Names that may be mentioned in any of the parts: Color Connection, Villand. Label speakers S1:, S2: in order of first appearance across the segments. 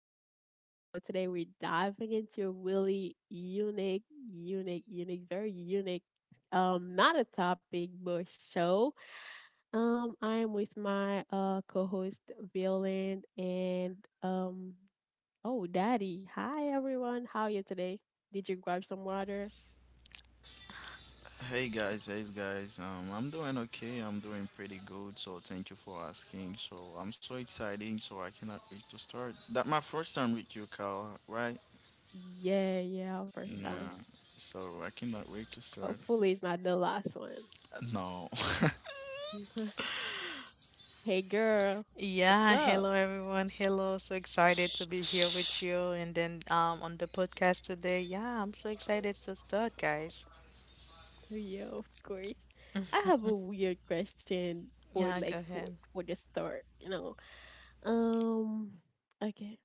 S1: Connection. So, today we're diving into a really unique, unique, unique, very unique, not a topic, but show. I am with my co host, Villand, and oh, Daddy. Hi, everyone. How are you today? Did you grab some water?
S2: Hey guys, hey guys. I'm doing okay. I'm doing pretty good, so thank you for asking. So I'm so excited. So I cannot wait to start. That my first time with you, Carl, right?
S1: Yeah, yeah, first time.
S2: Yeah. So I cannot wait to start.
S1: Hopefully, it's not the last one.
S2: No.
S1: Hey, girl, what's
S3: Yeah,
S1: up?
S3: hello everyone. Hello. So excited to be here with you and then on the podcast today. Yeah, I'm so excited to start, guys.
S1: Yeah, of course. I have a weird question for
S3: Yeah,
S1: like
S3: go ahead.
S1: for the start, you know. Um, okay.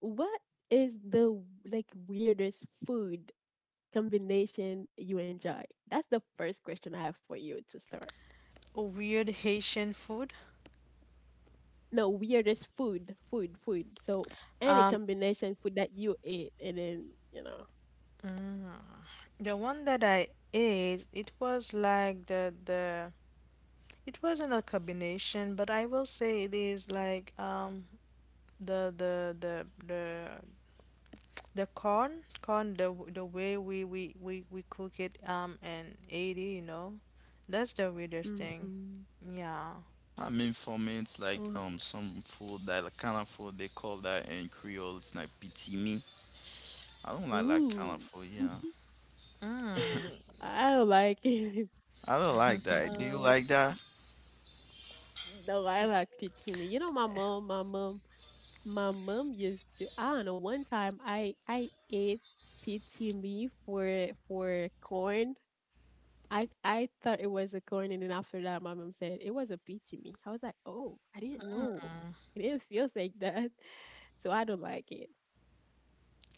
S1: What is the like weirdest food combination you enjoy? That's the first question I have for you to start.
S3: Weird Haitian food.
S1: No, weirdest food. So any
S3: Um,
S1: combination food that you ate and then, you know.
S3: mm, the one that I ate, it was like the it wasn't a combination, but I will say it is like, the the the the The corn, the way we cook it in 80, you know, that's the weirdest thing.
S1: Mm-hmm.
S3: Yeah.
S2: I mean, for me, it's like
S1: Or
S2: some food that like, kind of food they call that in Creole. It's like pitimi. I don't like that kind of
S1: food.
S2: food. Yeah.
S3: Mm,
S1: I don't like it.
S2: I don't like that. Do you
S1: Um
S2: like that?
S1: No, I like to. You know, my mom used to. I don't know. One time, I ate PTME for corn. I thought it was a corn, and then after that, my mom said it was a PTME. I was like, oh, I didn't know. It didn't feel like that, so I don't like it.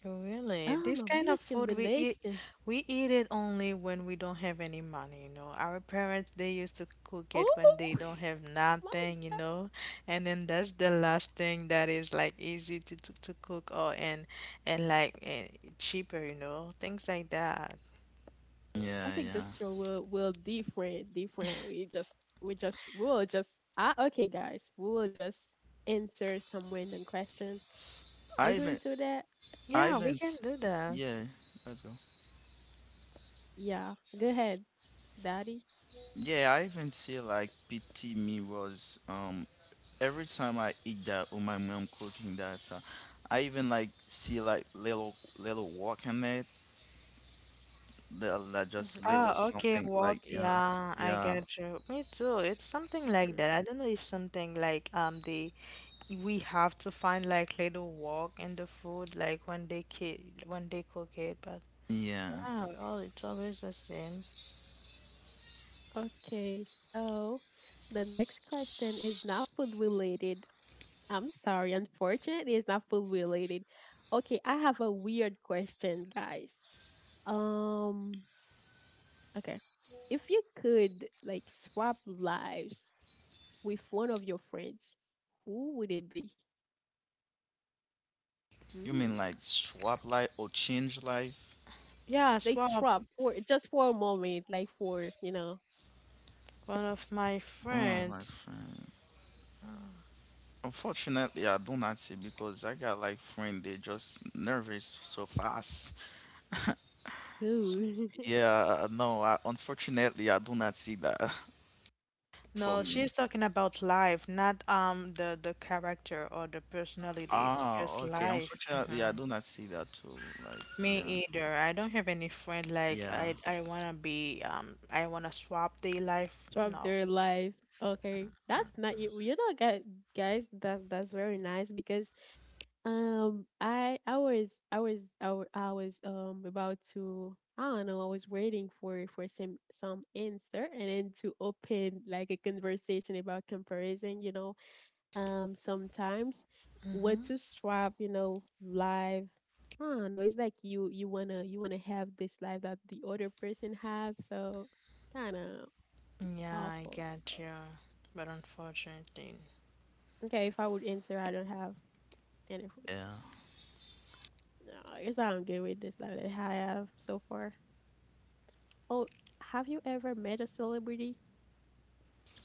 S3: really? This
S1: My
S3: kind of
S1: weirdest
S3: food
S1: combination.
S3: we eat it only when we don't have any money, you know. Our parents, they used to cook it
S1: Oh
S3: when they don't have
S1: my.
S3: nothing, you know. And then that's the last thing that is like easy to cook, or and like, cheaper, you know, things like that.
S1: I
S2: Yeah,
S1: think
S2: yeah.
S1: this show will different different. We just we just we will just ah okay guys, we will just answer some random question. Are
S2: I
S1: you
S2: even,
S1: into that?
S2: I
S3: Yeah, we
S2: even,
S3: can
S2: s-
S3: do that.
S2: yeah. Let's go.
S1: Yeah, go ahead, daddy.
S2: Yeah, I even see like PT mirrors. Every time I eat that or my mom cooking that, I even like see like little walk in it. That like
S1: Mhm,
S2: just
S3: Ah,
S2: little
S3: okay,
S2: something like
S3: walk.
S2: yeah,
S3: Yeah, I
S2: yeah,
S3: get you. Me too. It's something like
S1: mhm.
S3: that. I don't know if something like they we have to find like little walk in the food, like when they ki when they cook it, but
S2: yeah.
S3: all it's always the same.
S1: Okay, so the next question is not food related. I'm sorry, unfortunately, it's not food related. Okay, I have a weird question, guys. Um, okay, if you could like swap lives with one of your friends, who would it be?
S2: You mean
S1: Mm.
S2: like swap life or change life?
S3: Yeah,
S1: They
S3: swap,
S1: swap for just for a moment, like for you know,
S3: one of my
S2: Oh
S3: friend.
S2: my friend. Unfortunately, I do not see because I got like friend they just nervous so fast.
S1: ooh,
S2: Yeah, no, unfortunately I do not see that for
S3: No,
S2: me.
S3: she's talking about life, not the character or the personality. It's
S2: Ah,
S3: just
S2: okay.
S3: life.
S2: Unfortunately, yeah,
S3: Hmm.
S2: I do not see that too. Like,
S3: Me
S2: yeah,
S3: either. I don't have any friend like
S2: yeah,
S3: I wanna swap their life.
S1: swap
S3: No.
S1: their life. Okay, that's not you. You know, guys, that's very nice because I was I was I, wa- I was about to, I don't know, I was waiting for some answer and then to open like a conversation about comparison. You know, um, sometimes we're
S3: Mm-hmm.
S1: too strapped, you know, life, I don't know, it's like you wanna, you wanna have this life that the other person has, so kind of
S3: Yeah, I
S1: awful. So
S3: get you. But unfortunately.
S1: okay, if I would answer, I don't have any friends.
S2: yeah.
S1: No, I guess I don't get with this life that I have so far. Oh, have you ever met a celebrity?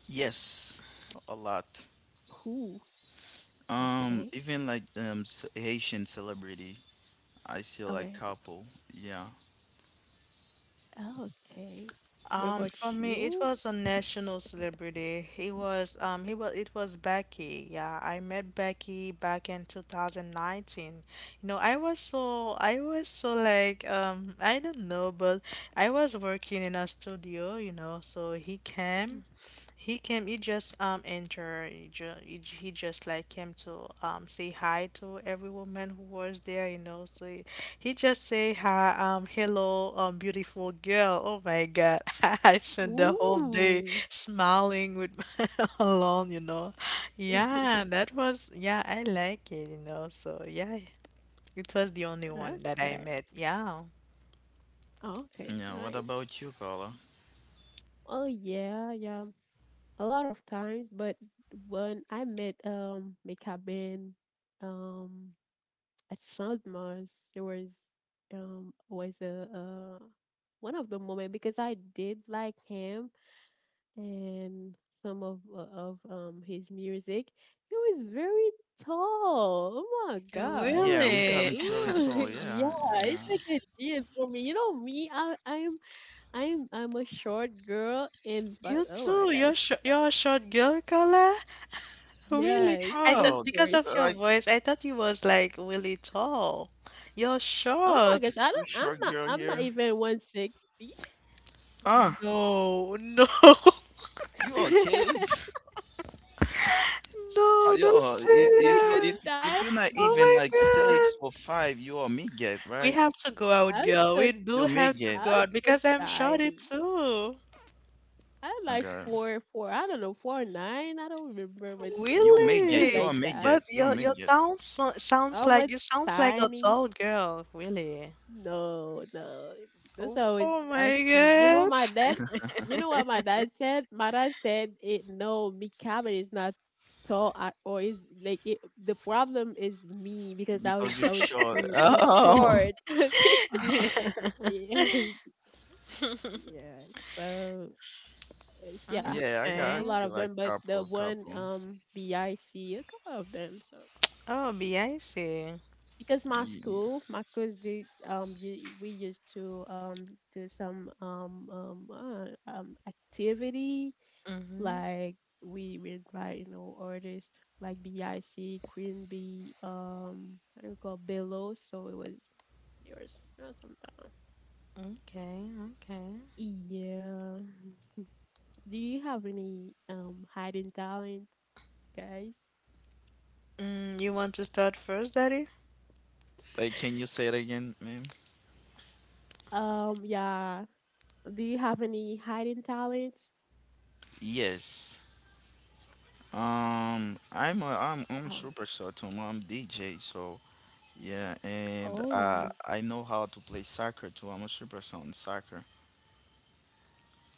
S2: Yes, a lot.
S1: Who? Okay,
S2: Even like Haitian celebrity, I see like
S1: okay,
S2: couple. Yeah,
S1: okay. What about
S3: For me, it
S1: you?
S3: was a national celebrity. He was, it was Becky. Yeah, I met Becky back in 2019. You know, I was so, like, I don't know, but I was working in a studio, you know, so he came.
S1: Mm.
S3: He came. He just entered. He, ju- he, j- he just like came to say hi to every woman who was there. You know, so he just say hi. Hello, beautiful girl. Oh my God, I spent the whole day
S1: Ooh.
S3: smiling with alone. You know, yeah, that was, yeah. I like it. You know, so yeah, it was the only one that I
S1: Okay.
S3: met. Yeah.
S1: Oh, okay,
S2: yeah. What
S1: nice.
S2: about you, Carla?
S1: Oh yeah, yeah. A lot of times, but when I met Mekabin um at Chandmas, there was a one of the moment because I did like him and some of his music. He was very tall. Oh my gosh. I
S2: Yeah,
S1: was
S2: me
S1: like,
S3: Really?
S2: Carvin's really
S1: ooh,
S2: tall.
S1: yeah,
S2: Yeah, yeah.
S1: it's like a genius for me. You know me, I I'm a short girl and but
S3: You
S1: oh my
S3: too. You're
S1: gosh.
S3: sh you're a short girl, Carla? Really?
S1: Yes,
S3: I thought,
S1: of
S2: Oh,
S3: because
S1: course.
S3: of
S2: I
S3: your
S2: like
S3: voice, I thought you was like really tall. You're
S1: Oh my
S3: short.
S1: gosh, I
S2: too
S1: don't, I'm
S2: short
S1: not,
S2: girl
S1: I'm not
S2: here.
S1: even 160.
S2: Ah,
S3: No, no,
S2: you are kids.
S3: no,
S2: Yo,
S3: don't say
S2: if
S1: I'm
S2: if
S1: like
S2: you
S1: a
S2: if
S3: that.
S2: if
S1: tiny.
S2: you're not
S3: Oh
S2: even
S3: my
S2: like
S1: I'm so
S2: six or
S3: God.
S2: five, you are midget,
S3: We
S2: right?
S3: have to go out,
S1: I'm
S3: girl.
S1: so
S3: We do
S2: You're
S3: have to
S2: midget.
S1: I'm
S3: go out,
S1: so
S3: because I'm shorty
S1: tiny.
S3: too.
S1: I'm like
S2: Okay.
S1: four four I don't know, 4'9". I don't remember but
S2: You make it. You
S3: Really?
S2: will
S1: like
S2: make
S1: that.
S2: it.
S3: But
S2: You will
S3: your
S2: make it
S3: sounds
S1: I'm a
S3: like you sounds like a
S1: tiny.
S3: tall girl, really.
S1: No, no. That's
S3: Oh,
S1: how it's,
S3: oh
S1: I
S3: my
S1: see. You know,
S3: God.
S1: my dad, you know what my dad said? My dad said, it, no, me cabin is not tall at, or is like it, the problem is me because I was
S2: because you
S1: I was
S2: short.
S1: too too
S2: Oh,
S1: short. Yeah, yeah. So it's, yeah,
S2: yeah. I got. I
S1: a
S3: Okay.
S1: lot
S2: see
S1: of
S2: like
S1: them, but the
S2: couple,
S1: one
S2: couple.
S1: BIC a couple of them. So
S3: Oh, BIC.
S1: because my
S2: Yeah.
S1: school, my cause they you, we used to do some activity
S3: Mm-hmm.
S1: like we invite you know artists like BIC, Queen B, how do we call Bellow? So it was yours or something.
S3: Okay, okay.
S1: Yeah. Do you have any hidden talent, guys?
S3: You want to start first, Daddy?
S2: Like, can you say it again, ma'am?
S1: Yeah. Do you have any hidden talents?
S2: Yes. I'm I'm
S1: Oh.
S2: superstar too. I'm DJ. So yeah, and
S1: Oh,
S2: I know how to play soccer too. I'm a superstar in soccer.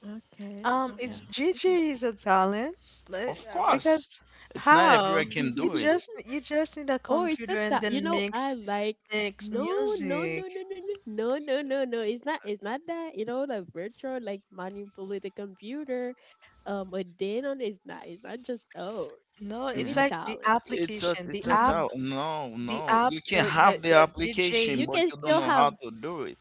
S1: okay,
S2: Yeah.
S3: It's
S1: okay,
S3: Gigi
S1: okay.
S3: is a talent, but,
S2: Of
S3: because
S2: course. It's not everyone
S3: how?
S2: can
S3: You
S2: do it.
S3: just you just need a
S1: Or it's a
S3: computer and
S1: ta- you
S3: then
S1: know
S3: mix
S1: I like,
S3: mix
S1: no no
S3: music.
S1: no no no no no no no no, it's not, it's not that, you know, the virtual like manipulate the computer, a then on, it's not, it's not just, oh,
S3: No,
S1: we
S3: it's
S1: need
S3: like the
S1: talent.
S2: It's a
S3: application, the
S2: it's a
S3: app,
S2: tower. No, no. You can
S3: the
S2: have
S3: the
S2: the
S3: the
S2: application,
S1: You
S3: DJ.
S2: but
S1: can
S2: you don't
S1: still
S2: know how
S1: have,
S2: to do it.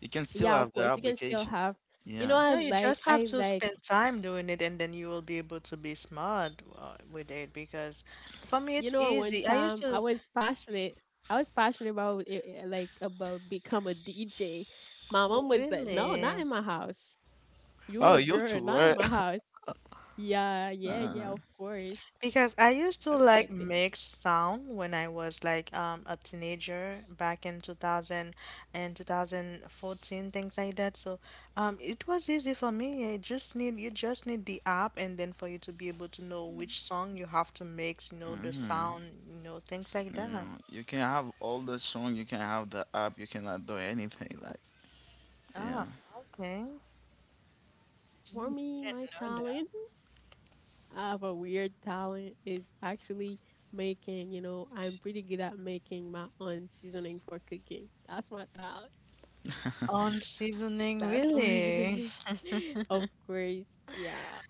S2: You can still
S1: yeah
S2: have
S1: of
S2: the
S1: course you can still
S2: application.
S1: have, you know
S2: Yeah.
S1: I
S3: No, you
S1: like
S3: just have
S1: I
S3: to
S1: like.
S3: spend time doing it, and then you will be able to be smart, with it. Because for me,
S1: You
S3: it's
S1: know, one
S3: easy. I used
S1: time I
S3: to,
S1: was passionate. I was passionate about it, it- like about become a DJ. My
S3: oh,
S1: mom was like, "No, not
S3: really?
S1: in my house. You
S2: Oh,
S1: a
S2: you
S1: girl,
S2: too,
S1: not in
S2: right?
S1: my house." Yeah, yeah, yeah.
S2: Uh,
S1: Of course.
S3: Because I used to
S1: I
S3: like
S1: did.
S3: mix sound when I was like, a teenager back in 2000 and 2014, things like that. So, it was easy for me. You just need the app, and then for you to be able to know which song you have to mix, you know, the
S2: mhm.
S3: sound, you know, things like that.
S2: No, you can have all the song. You can have the app. You cannot do anything. Like,
S3: Ah,
S2: yeah.
S3: okay.
S1: For me, my
S3: Didn't know that.
S1: talent, I have a weird talent, is actually making. You know, I'm pretty good at making my own seasoning for cooking. That's my talent.
S3: On seasoning,
S1: That's my
S3: really?
S1: name. Of course, yeah.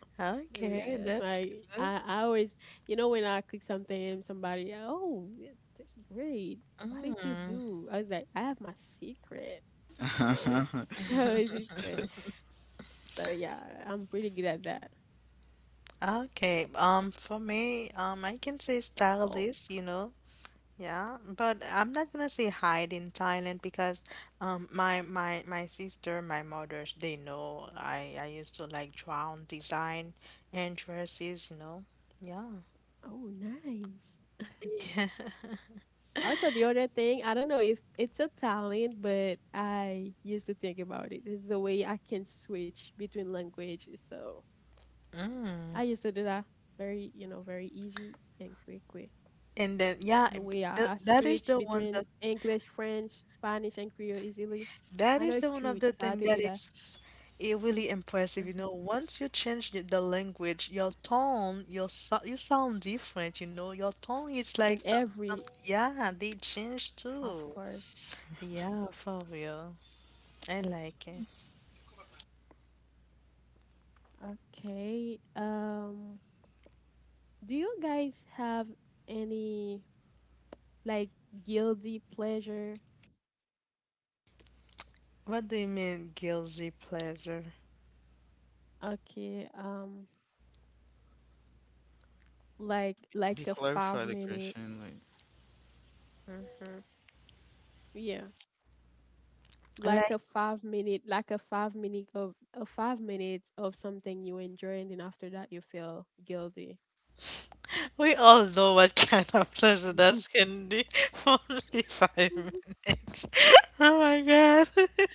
S1: Oh, yeah,
S3: Okay,
S1: that's
S3: that's
S1: why
S3: good.
S1: I always, you know, when I cook something and somebody, oh, yeah, that's great. Why did you
S3: Mm.
S1: do? I was like, I have my secret. So, I always just say. So, yeah, I'm pretty good at that.
S3: Okay, for me, I can say
S1: Oh,
S3: stylist, you know, yeah, but I'm not gonna say hide in Thailand because, my sister, my mother, they know I used to like draw on design and dresses, you know, yeah.
S1: oh, nice. Also, the other thing, I don't know if it's a talent, but I used to think about it. It's the way I can switch between languages. So,
S3: Mm.
S1: I used to do that very, you know, very easy and quickly.
S3: And then yeah,
S1: The way
S3: th
S1: I
S3: that is
S1: switch
S3: the one that
S1: between English, French, Spanish, and Creole easily.
S3: that
S1: I know
S3: is the
S1: if you
S3: one
S1: would
S3: of the
S1: try to
S3: thing
S1: do
S3: that
S1: that.
S3: is it really impressive, you
S1: Hmm.
S3: know. Once you change the language, your tone, your so you sound different, you know. Your tone is
S1: In
S3: like some
S1: every,
S3: yeah, they change
S1: of
S3: too.
S1: course.
S3: Yeah, for real. I like it.
S1: Okay. Do you guys have any like guilty pleasure?
S3: What do you mean guilty pleasure?
S1: Okay.
S2: Be
S1: Like a
S2: clarify
S1: five
S2: the
S1: minute.
S2: question. Like,
S1: Mm-hmm. Yeah, like
S3: Like,
S1: a 5 minute of a 5 minutes of something you enjoy, and then after that you feel guilty.
S3: we all know what kind of pleasure that's can be for only five minutes. Oh my God.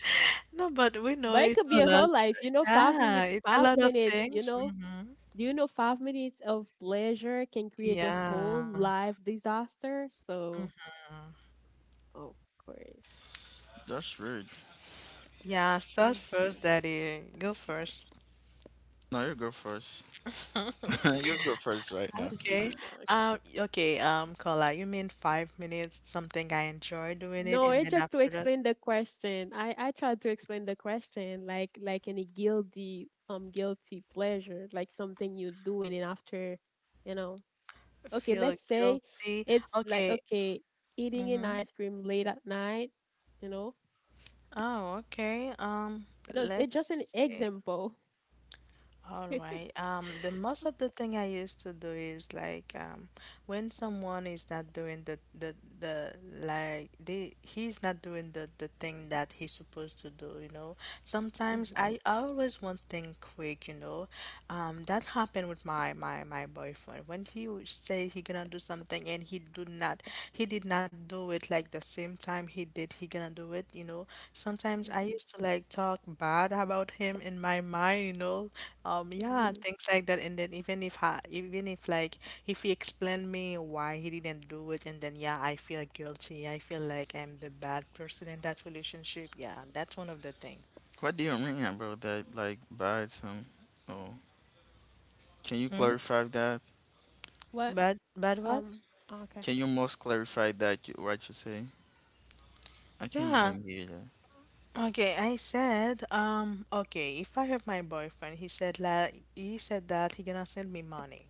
S3: No, but we know
S1: But it
S3: it's
S1: could be
S3: a
S1: a
S3: lot.
S1: whole life, you know,
S3: Yeah, it's a
S1: five
S3: lot of
S1: minutes, you
S3: things.
S1: know.
S3: Hmm.
S1: Do you know 5 minutes of pleasure can create a whole
S3: Yeah.
S1: life disaster?
S3: Mhm.
S1: So of course.
S2: that's rude.
S3: Yeah, start first,
S1: Mhm.
S3: Daddy. Go first.
S2: No, you go first. you go first right now.
S3: Okay.
S1: Okay.
S3: Okay, Carla, you mean 5 minutes, something I enjoy doing it,
S1: No,
S3: and
S1: it's
S3: then
S1: just to
S3: after that,
S1: explain the question. I tried to explain the question like any guilty guilty pleasure, like something you do and then after, you know. Okay,
S3: feel
S1: let's say
S3: guilty.
S1: it's like
S3: Okay.
S1: okay, eating an
S3: Mm-hmm.
S1: ice cream late at night, you know.
S3: Oh, okay.
S1: No, it's
S3: Let's
S1: just an
S3: see.
S1: example.
S3: All right. The most of the thing I used to do is like, when someone is not doing the like they he's not doing the thing that he's supposed to do, you know. Sometimes
S1: Mhm,
S3: I always want things quick, you know. That happened with my boyfriend, when he would say he gonna do something and he did not do it, like the same time he gonna do it, you know. Sometimes I
S1: mhm,
S3: used to like talk bad about him in my mind, you know. Yeah,
S1: mhm.
S3: things like that, and then even if I, even if like if he explained me why he didn't do it, and then yeah, I feel guilty, I feel like I'm the bad person in that relationship. Yeah, that's one of the things.
S2: What do you mean about that? Like, buy some. Oh, can you
S3: Mm?
S2: clarify that?
S1: What?
S3: But what?
S1: Um. Oh, okay.
S2: Can you most clarify that you, what you say? I can't
S3: Yeah.
S2: even hear
S3: Okay, I said, okay, if I have my boyfriend, he said, that he gonna send me money.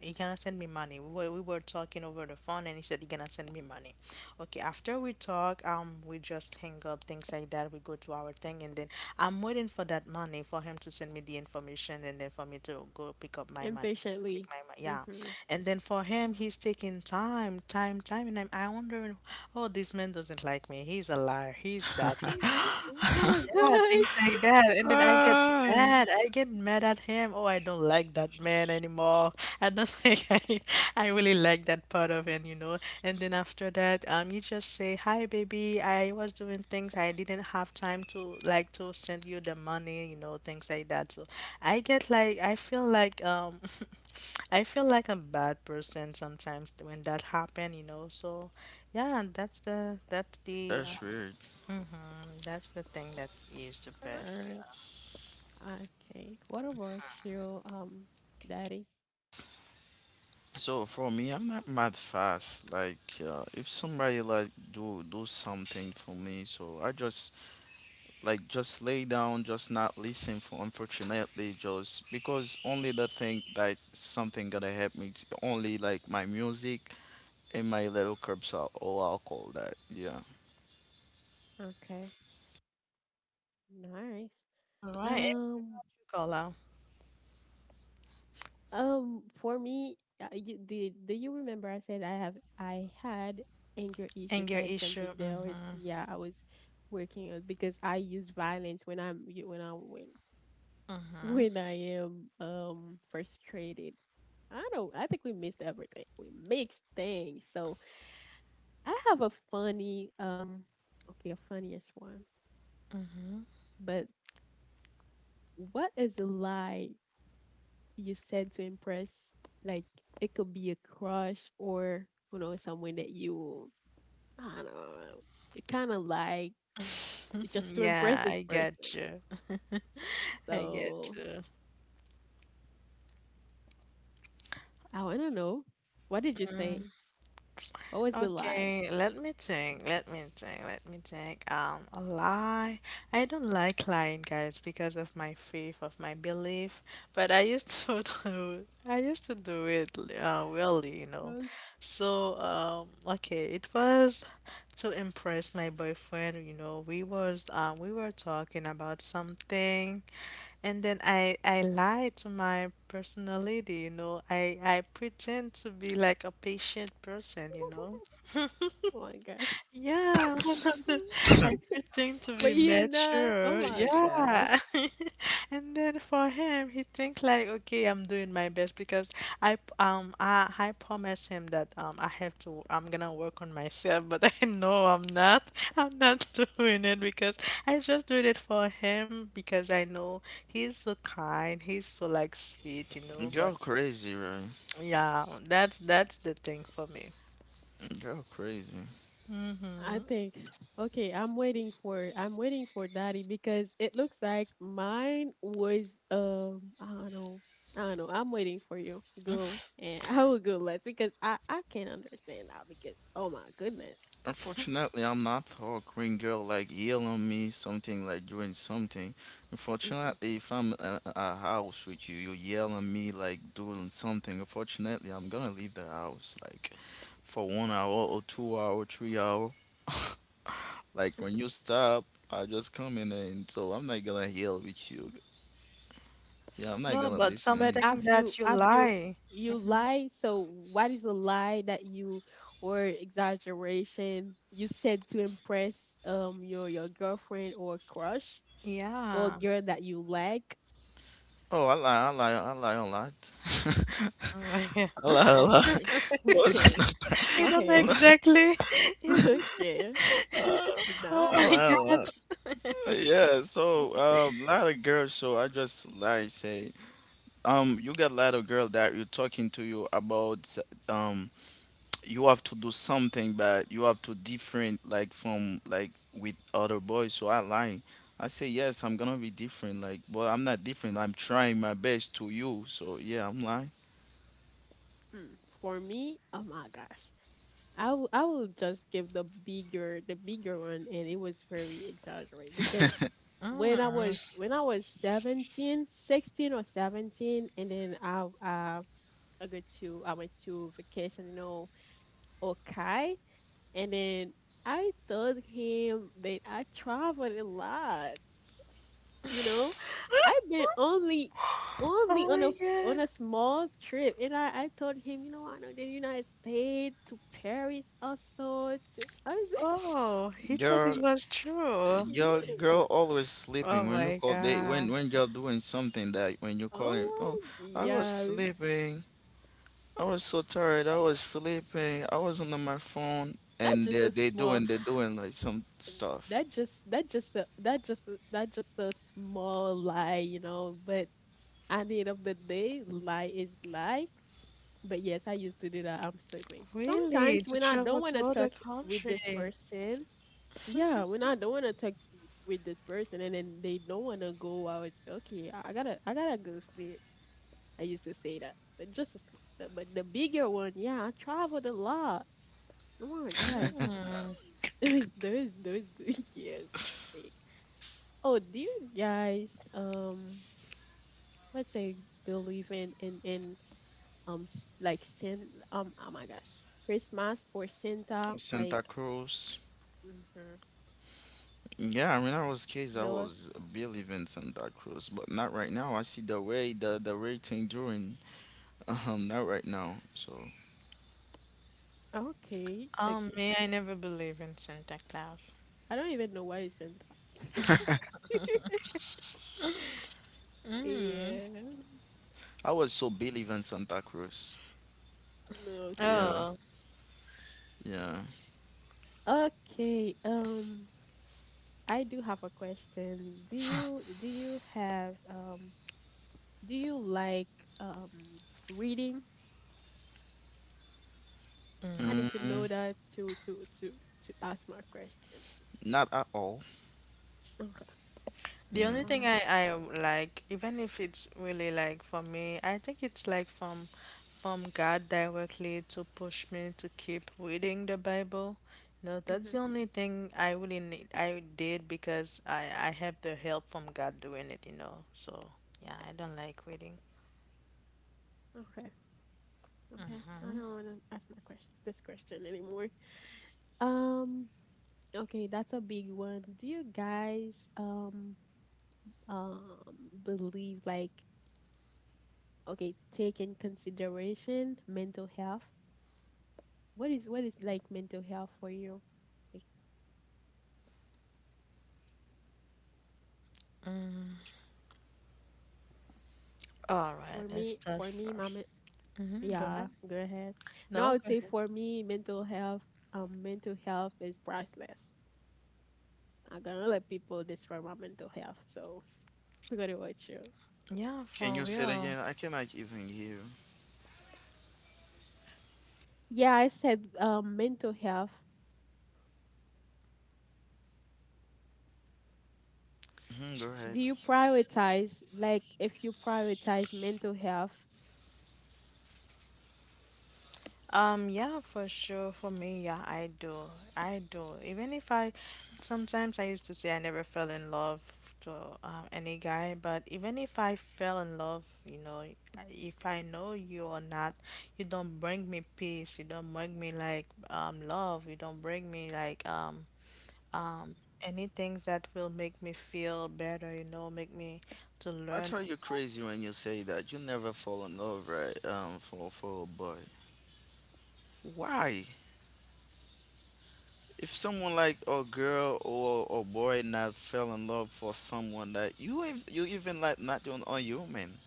S3: He gonna send me money. We were talking over the phone, and he said he gonna send me money. Okay, after we talk, we just hang up, things like that. We go to our thing, and then I'm waiting for that money, for him to send me the information, and then for me to go pick up my money, to take
S1: Impatiently.
S3: my money. Yeah,
S1: Mhm.
S3: and then for him, he's taking time, time, time, and I wondering, oh, this man doesn't like me. He's a liar. He's that. He's this. He's
S1: Oh
S3: that.
S1: my
S2: that.
S3: Yeah, things
S1: gosh.
S3: like that, and then I get
S2: Ah,
S3: mad. I get mad at him. Oh, I don't like that man anymore. I don't think I really like that part of him, you know. And then after that, you just say, "Hi, baby. I was doing things. I didn't have time to like to send you the money, you know, things like that." So I get like, I feel like. I feel like a bad person sometimes when that happen, you know. So, yeah, that's the,
S2: that's weird.
S3: that's the thing that is the best.
S1: Alright. Okay. What about you, Daddy?
S2: So for me, I'm not mad fast. Like if somebody like do something for me, so I just like just lay down, just not listen. For unfortunately, just because only the thing like something gonna help me, it's only like my music and my little curbs are all alcohol. That yeah,
S1: Okay. Nice.
S3: Right,
S1: Um.
S3: call out.
S1: For me, you, do, do you remember I said I had anger issues.
S3: Anger
S1: That is something
S3: issue.
S1: they always
S3: Mm-hmm.
S1: yeah I was working on because I use violence when I'm you- when I when
S3: Mm-hmm.
S1: when I am frustrated. I don't. I think we missed everything. We mixed things. So I have a funny okay a funniest one.
S3: Mm-hmm.
S1: But what is a lie you said to impress, like it could be a crush or you know someone that you, I don't know, you kind of liked, just to impress
S3: Yeah,
S1: this
S3: I get
S1: person.
S3: you. I get
S1: So
S3: you.
S1: I want to know, what did you say? What was the lie?
S3: Okay, let me think. Let me think. Let me think. A lie. I don't like lying, guys, because of my faith, of my belief. But I used to do. I used to do it. Really, you know.
S1: Oh,
S3: So, okay, it was to impress my boyfriend. You know, we were talking about something, and then I lie to my personality, you know. I pretend to be like a patient person, you know.
S1: oh my gosh!
S3: Yeah, 100. Everything to
S1: But
S3: be
S1: you not. Oh
S3: mature.
S1: my gosh!
S3: Yeah. And then for him, he think like, okay, I'm doing my best because I promise him that I have to I'm gonna work on myself, but I know I'm not. I'm not doing it, because I just did it for him, because I know he's so kind, he's so like sweet, you know,
S2: girl
S3: but
S2: crazy, right?
S3: yeah, that's the thing for me.
S2: Girl crazy.
S1: I think okay, I'm waiting for daddy because it looks like mine was I don't know. I don't know. I'm waiting for you. Go and I will go last because I can't understand that because oh my goodness.
S2: Unfortunately, I'm not tall, green girl like yell on me, something like doing something.
S1: Mhm.
S2: Unfortunately, if I'm at a house with you, you yell on me like doing something. Unfortunately, I'm gonna leave the house like for 1 hour or 2 hour, 3 hour. Like when you stop, I just come in and so I'm not gonna yell with you. Yeah, I'm not
S3: No,
S2: gonna
S3: but
S2: listen to
S1: But
S3: something
S2: anything.
S1: have
S3: that
S1: you
S3: you
S1: have you
S3: lie.
S1: you lie? So what is a lie that you or exaggeration you said to impress your girlfriend or crush or
S3: Yeah.
S1: girl that you like?
S2: Oh, I lie a lot.
S3: Oh my God.
S2: I lie a lot.
S1: Okay.
S2: Of course, I
S1: Okay.
S2: lie
S3: You don't
S2: a
S3: know
S1: Okay.
S2: lot.
S3: exactly. You,
S1: Okay.
S3: oh
S2: I lie
S3: my
S1: Nice.
S2: a
S3: God.
S2: lot. Yeah, so lot of girls. So I just like say, you got a lot of girl that you talking to you about, um, you have to do something, but you have to different like from like with other boys. So I like, I say yes, I'm gonna be different. Like, but I'm not different. I'm trying my best to you. So yeah, I'm lying.
S1: Hmm. For me, oh my gosh. I will just give the bigger one and it was very exaggerated because
S3: Mm.
S1: when I was 17, 16 or 17, and then I go to I went to vacation, you know, Okai, and then I told him that I traveled a lot, you know, I've been only only
S3: Oh
S1: on a
S3: my
S1: f- on a
S3: God.
S1: small trip and I told him, you know, I know the united states to paris also to I was like,
S3: Oh, he thought
S2: Girl,
S3: it was true.
S2: your
S1: "Yee."
S2: girl always sleeping
S3: Oh
S2: when you
S3: my
S2: call. They when
S3: God.
S2: when girl doing something that when you call him, oh,
S1: Oh my
S2: I was
S1: yeah.
S2: sleeping. I was so tired. I
S1: Uh,
S2: was sleeping. I was on my phone,
S1: that
S2: and
S1: just
S2: they
S1: a
S2: they
S1: small
S2: doing like some stuff.
S1: that just a, that just a small lie, you know, but at the end of the day, lie is lie. But yes, I used to do that. I'm sleeping.
S3: Really?
S1: Sometimes
S3: To
S1: when I don't
S3: travel
S1: want to
S3: to
S1: talk
S3: other
S1: with this
S3: country?
S1: person, yeah, when I don't want to talk with this person, and then they don't want to go out. It's okay. I gotta go sleep. I used to say that, but just a small, the- but the bigger one, yeah, I traveled a lot. Oh my gosh,
S3: Hmm.
S1: those years, I think. Oh, do you guys, let's say, believe in s- like Sin um oh my gosh, Christmas or Santa like,
S2: Santa Cruz.
S1: mm-hmm,
S2: Yeah, I mean, I was kids. I
S1: Bella.
S2: was believe in Santa Cruz, but not right now. I see the way the rating doing. Not right now. So
S1: Okay,
S3: Oh
S1: okay.
S3: man, I never believe in Santa Claus.
S1: I don't even know why he sent that. Yeah.
S2: I was so believe in Santa Cruz. Yeah,
S1: Okay.
S3: Oh.
S2: yeah.
S1: Okay. I do have a question. Do you have do you like um reading? I need to know
S2: Mm,
S1: that to ask my question.
S2: not at all.
S1: Okay.
S3: The
S2: Yeah.
S3: only thing
S1: Okay.
S3: I like, even if it's really, like, for me, I think it's like from God directly, to push me to keep reading the Bible. You know, that's the
S1: Mhm.
S3: only thing I really need I did, because I have the help from God doing it, you know. So yeah, I don't like reading.
S1: Okay. Okay. I don't want to ask my question this question anymore. Um. Okay, that's a big one. Do you guys um, believe like okay, take in consideration mental health. What is like mental health for you? Like
S3: All right,
S1: for
S3: let's
S1: me,
S3: start
S1: for me,
S3: first. Mm-hmm, go
S1: yeah,
S3: ahead.
S1: go ahead. No, I
S3: No,
S1: would
S3: go
S1: say
S3: ahead.
S1: for me, mental health is priceless. I'm gonna let people destroy my mental health, so we're gonna watch you.
S3: Yeah,
S2: Can you
S3: for
S2: say it
S3: real.
S2: again? I cannot even hear.
S1: Yeah, I said mental health.
S2: Hmm go
S1: Do
S2: ahead.
S1: you prioritize like if you prioritize mental health?
S3: Yeah, for sure. For me, yeah, I do. I do. Even if I, sometimes I used to say I never fell in love to, any guy, but even if I fell in love, you know, if I know you or not, you don't bring me peace. You don't bring me like, love. You don't bring me like, anything that will make me feel better. You know, make me to
S2: I
S3: learn.
S2: thought you're crazy when you say that. You never fallen over for a boy. Why? If someone like a girl or a boy not fell in love for someone that you even like not even a human,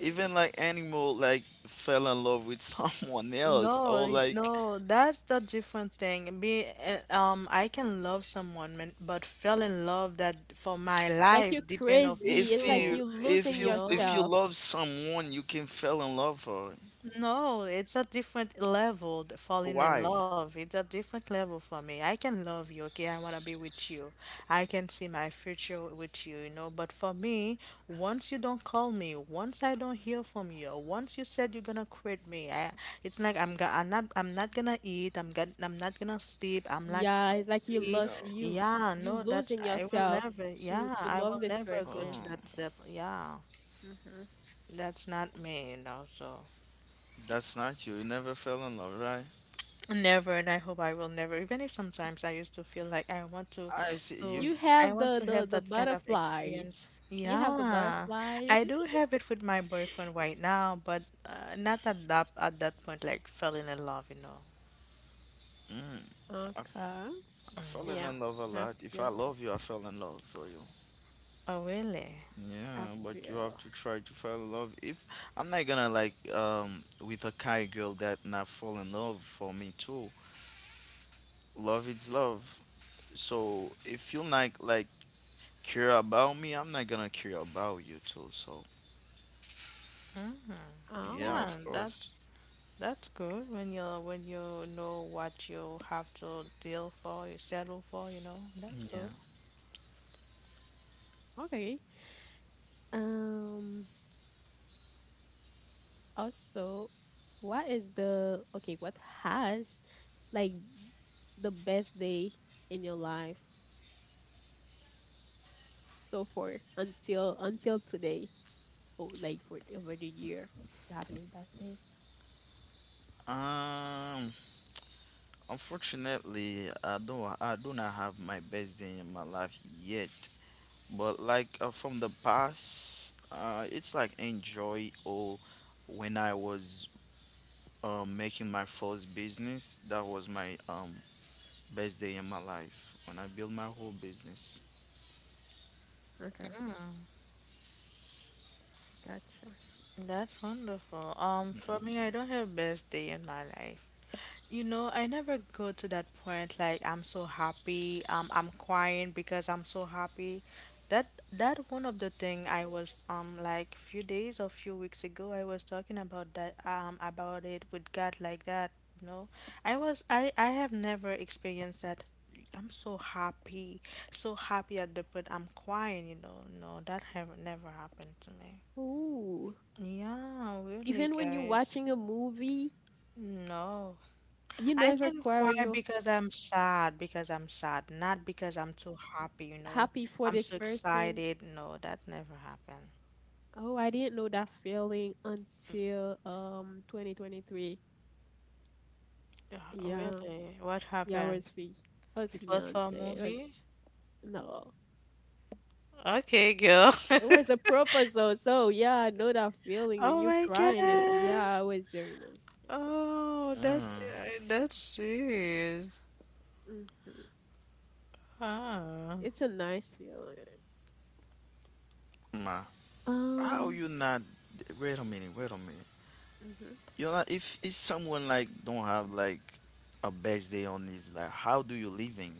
S2: even like animal like fell in love with someone else
S3: No,
S2: or like
S3: no, that's the different thing. Be I can love someone, man, but fell in love that for my
S1: Like you're
S3: life depend of
S1: crazy. It's
S2: if
S1: like
S2: you
S3: you,
S1: you losing
S3: you
S2: if you
S3: know?
S2: if you
S1: yourself.
S2: love someone you can fell in love for.
S3: No, it's a different level, falling in
S2: Why?
S3: love. It's a different level for me. I can love you, okay? I want to be with you. I can see my future with you, you know? But for me, once you don't call me, once I don't hear from you, once you said you're gonna quit me, it's like I'm not gonna eat, I'm not gonna sleep, I'm like
S1: Yeah, it's like you
S3: crazy.
S1: lost
S2: No.
S1: you
S3: Yeah,
S1: you
S3: no,
S1: losing
S3: I will
S1: yourself
S3: never,
S1: to
S3: yeah,
S1: to
S3: I
S1: love
S3: will
S1: this
S3: never go
S1: person.
S3: to
S2: Oh,
S3: that step. Yeah,
S1: Hmm.
S3: that's not me, you know, so.
S2: that's not you. You never fell in love, right?
S3: Never, and I hope I will never. Even if sometimes I used to feel like I want to,
S2: I see
S3: so
S2: you.
S1: You
S3: I
S1: have
S3: want
S1: the
S3: to
S1: the
S3: have
S1: the
S3: that kind of experience.
S1: butterflies. You have the
S3: Yeah,
S1: butterflies.
S3: I do have it with my boyfriend right now, but not at that point. Like fell in love, you know.
S2: Mm,
S1: Okay.
S2: I
S3: Mm,
S2: fell in
S3: yeah.
S1: Yeah.
S2: love a
S1: I
S2: lot. If I
S1: feel.
S2: love you, I fell in love for you.
S3: Oh, really?
S1: I
S2: Yeah, but you have
S1: feel.
S2: to try to fall in love. If I'm not gonna like with a kind girl that not fall in love for me too. Love is love. So if you like care about me, I'm not gonna care about you too. So yeah,
S1: Oh.
S3: Yeah,
S2: of course.
S3: that's good when you know what you have to deal for, you settle for, you know. That's good.
S2: Yeah.
S1: Okay. Um. Also, what is the okay? What has like the best day in your life? So far until today, oh like for over the year, you have any best day?
S2: Um. Unfortunately, I don't. I do not have my best day in my life yet. But like from the past, it's like enjoy or when I was making my first business, that was my best day in my life when I built my whole business.
S1: Okay, gotcha.
S3: That's wonderful. For me, I don't have best day in my life. You know, I never go to that point like I'm so happy, I'm crying because I'm so happy. That one of the thing I was like few days or few weeks ago I was talking about that about it with God like that, you know. I was I have never experienced that I'm so happy at the point I'm crying, you know. No, that have never happened to me.
S1: Ooh,
S3: Yeah, really
S1: even when you're
S3: guys.
S1: watching a movie,
S3: No.
S1: you
S3: I
S1: never
S3: can
S1: cry when
S3: cry
S1: you're
S3: because I'm sad, not because I'm too happy, you know.
S1: happy for
S3: I'm
S1: this
S3: so
S1: person?
S3: excited. No, that never happened.
S1: Oh, I didn't know that feeling until 2023.
S3: Yeah,
S1: Yeah,
S3: really? What
S1: yeah,
S3: happened?
S1: it was
S3: It was for
S1: fiance,
S3: a
S1: it was
S3: movie?
S1: no,
S3: Okay, girl.
S1: it was a proposal, so, yeah, I know that feeling when
S3: Oh
S1: you're
S3: my
S1: crying, and
S3: God.
S1: yeah, it was very nice. Yeah.
S3: Oh,
S2: Uh,
S3: that's serious.
S1: Hmm.
S3: Ah.
S1: It's a nice feeling.
S2: ma, how
S1: Um,
S2: you not? Wait a minute.
S1: mhm.
S2: You know, if someone like don't have like a best day on his life, how do you living?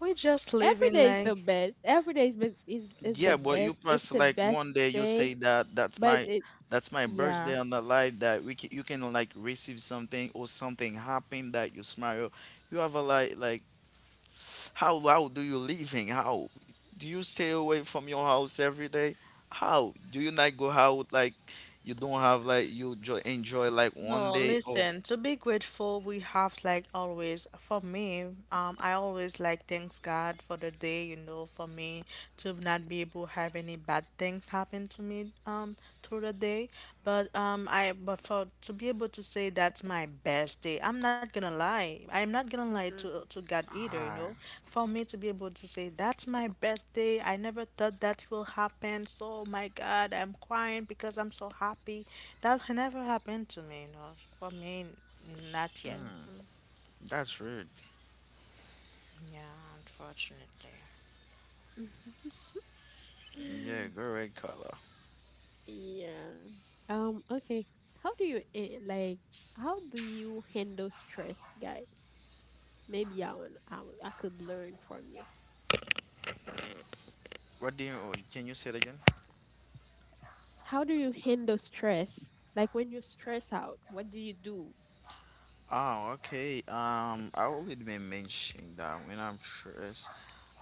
S3: We just
S1: Every
S3: living
S1: day is the
S3: like,
S1: best. Every day is best, is the
S2: Yeah, but you
S1: best.
S2: press
S1: It's the
S2: like
S1: best
S2: one day you
S1: day,
S2: say that
S1: but it,
S2: that's my
S1: yeah.
S2: birthday on the live that we can, you can like receive something or something happen that you smile. You have a like how do you living? How do you stay away from your house every day? How do you not go out like you don't have like you jo enjoy like one
S3: no,
S2: day or
S3: listen, to be grateful, we have like always, for me, I always like thanks God for the day, you know, for me to not be able to have any bad things happen to me, through the day. But but for to be able to say that's my best day. I'm not gonna lie. I'm not gonna lie
S1: Mhm.
S3: to God either, you know.
S2: ah
S3: For me to be able to say that's my best day. I never thought that will happen. So my God, I'm crying because I'm so happy. That never happened to me, you know. For me, not yet.
S2: mm, that's rude.
S3: Yeah, unfortunately.
S1: Mhm.
S2: Mm, yeah, go red color.
S1: Yeah. Okay. How do you like? How do you handle stress, guys? Maybe I want I, would- I could learn from you.
S2: What do you can you say it again?
S1: How do you handle stress? Like when you stress out, what do you do?
S2: Oh, okay. I already been mentioning that when I'm stressed,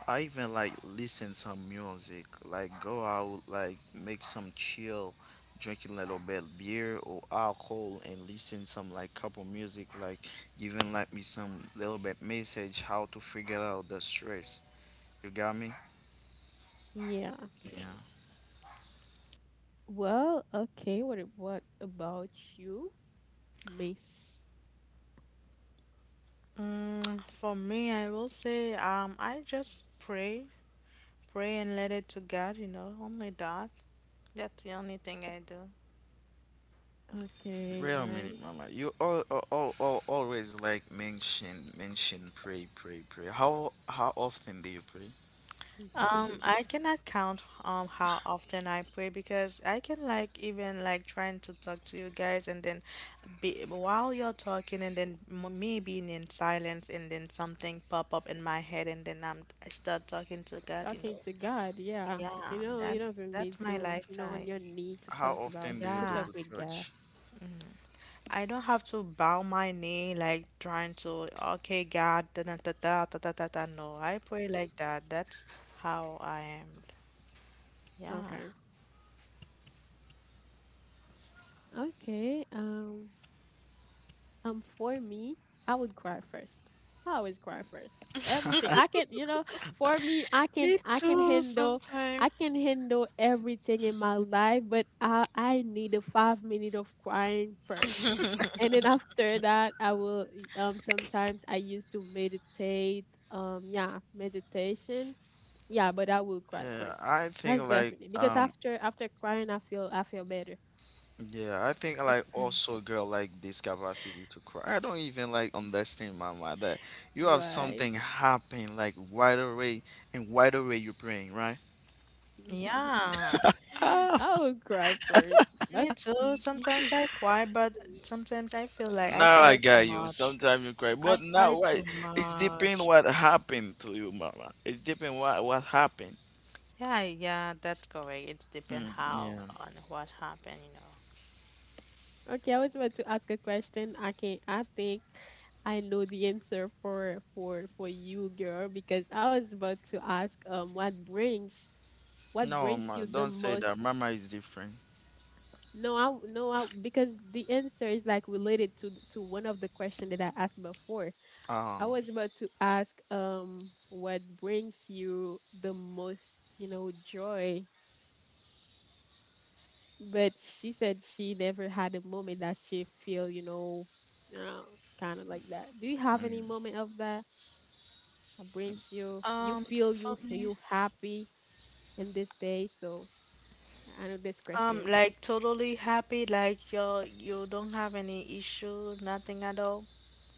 S2: I even like listen some music, like go out, like make some chill, drinking a little bit beer or alcohol, and listen some like couple music, like giving like me some little bit message how to figure out the stress. You got me?
S1: Yeah.
S2: Yeah.
S1: Well, okay. What about you, Miss?
S3: Mm, for me, I will say I just pray, pray and let it to God, you know. Only that. That's the only thing I do.
S2: Wait
S1: Okay,
S2: a minute,
S1: nice.
S2: Mama. You all always like mention pray. How often do you pray?
S3: I cannot count how often I pray because I can like even like trying to talk to you guys and then be while you're talking and then me being in silence and then something pop up in my head and then I start talking to God, you
S1: Talking
S3: know.
S1: to God, yeah. You
S3: Yeah,
S1: know, you don't even
S3: that's
S1: need
S3: my
S1: to, you know, on
S3: lifetime.
S1: your knee to
S2: How
S1: talk about
S2: often do you
S1: to
S2: go
S1: talk
S3: Yeah,
S2: to
S1: with God.
S2: church?
S3: I don't have to bow my knee like trying to, okay, God, da da da da da da da da." No, I pray like that. That's how I am. Yeah.
S1: Okay. Okay. For me, I would cry first. I always cry first. Everything I can, you know, for me,
S3: Me too,
S1: I
S3: sometimes.
S1: can handle everything in my life, but I need a 5 minute of crying first, and then after that, I will. Sometimes I used to meditate. Yeah, meditation. Yeah, but I will cry
S2: Yeah,
S1: first.
S2: I think
S1: That's
S2: like
S1: definitely because after crying, I feel better.
S2: yeah, I think like
S1: That's
S2: also girl like this capacity to cry. I don't even like understand mama that you have
S1: right.
S2: something happen like right away and right away you're praying, right?
S3: Yeah,
S2: Ah,
S1: I will cry first. That's
S3: me too. Sometimes I cry, but sometimes I feel like I
S2: now I
S3: cry too
S2: got you.
S3: much.
S2: Sometimes you cry,
S3: I
S2: but not
S3: cry too
S2: right. It's depend
S3: much.
S2: what happened to you, mama. It's depend what happened.
S3: Yeah, yeah, that's correct. It depends
S2: Hmm.
S3: how
S2: Yeah.
S3: on what happened, you know.
S1: okay. I was about to ask a question. I think I know the answer for you, girl, because I was about to ask what brings
S2: No, ma,
S1: you the
S2: don't say that.
S1: most.
S2: Mama is different.
S1: No, I, because the answer is like related to to one of the question that I asked before.
S2: Oh,
S1: I was about to ask what brings you the most, you know, joy. But she said she never had a moment that she feel, you know, kind of like that. Do you have any
S2: mm,
S1: moment of that that brings you, you feel
S3: For
S1: you
S3: me,
S1: you happy in this day? So I know this question.
S3: like totally happy, like you don't have any issue, nothing at all.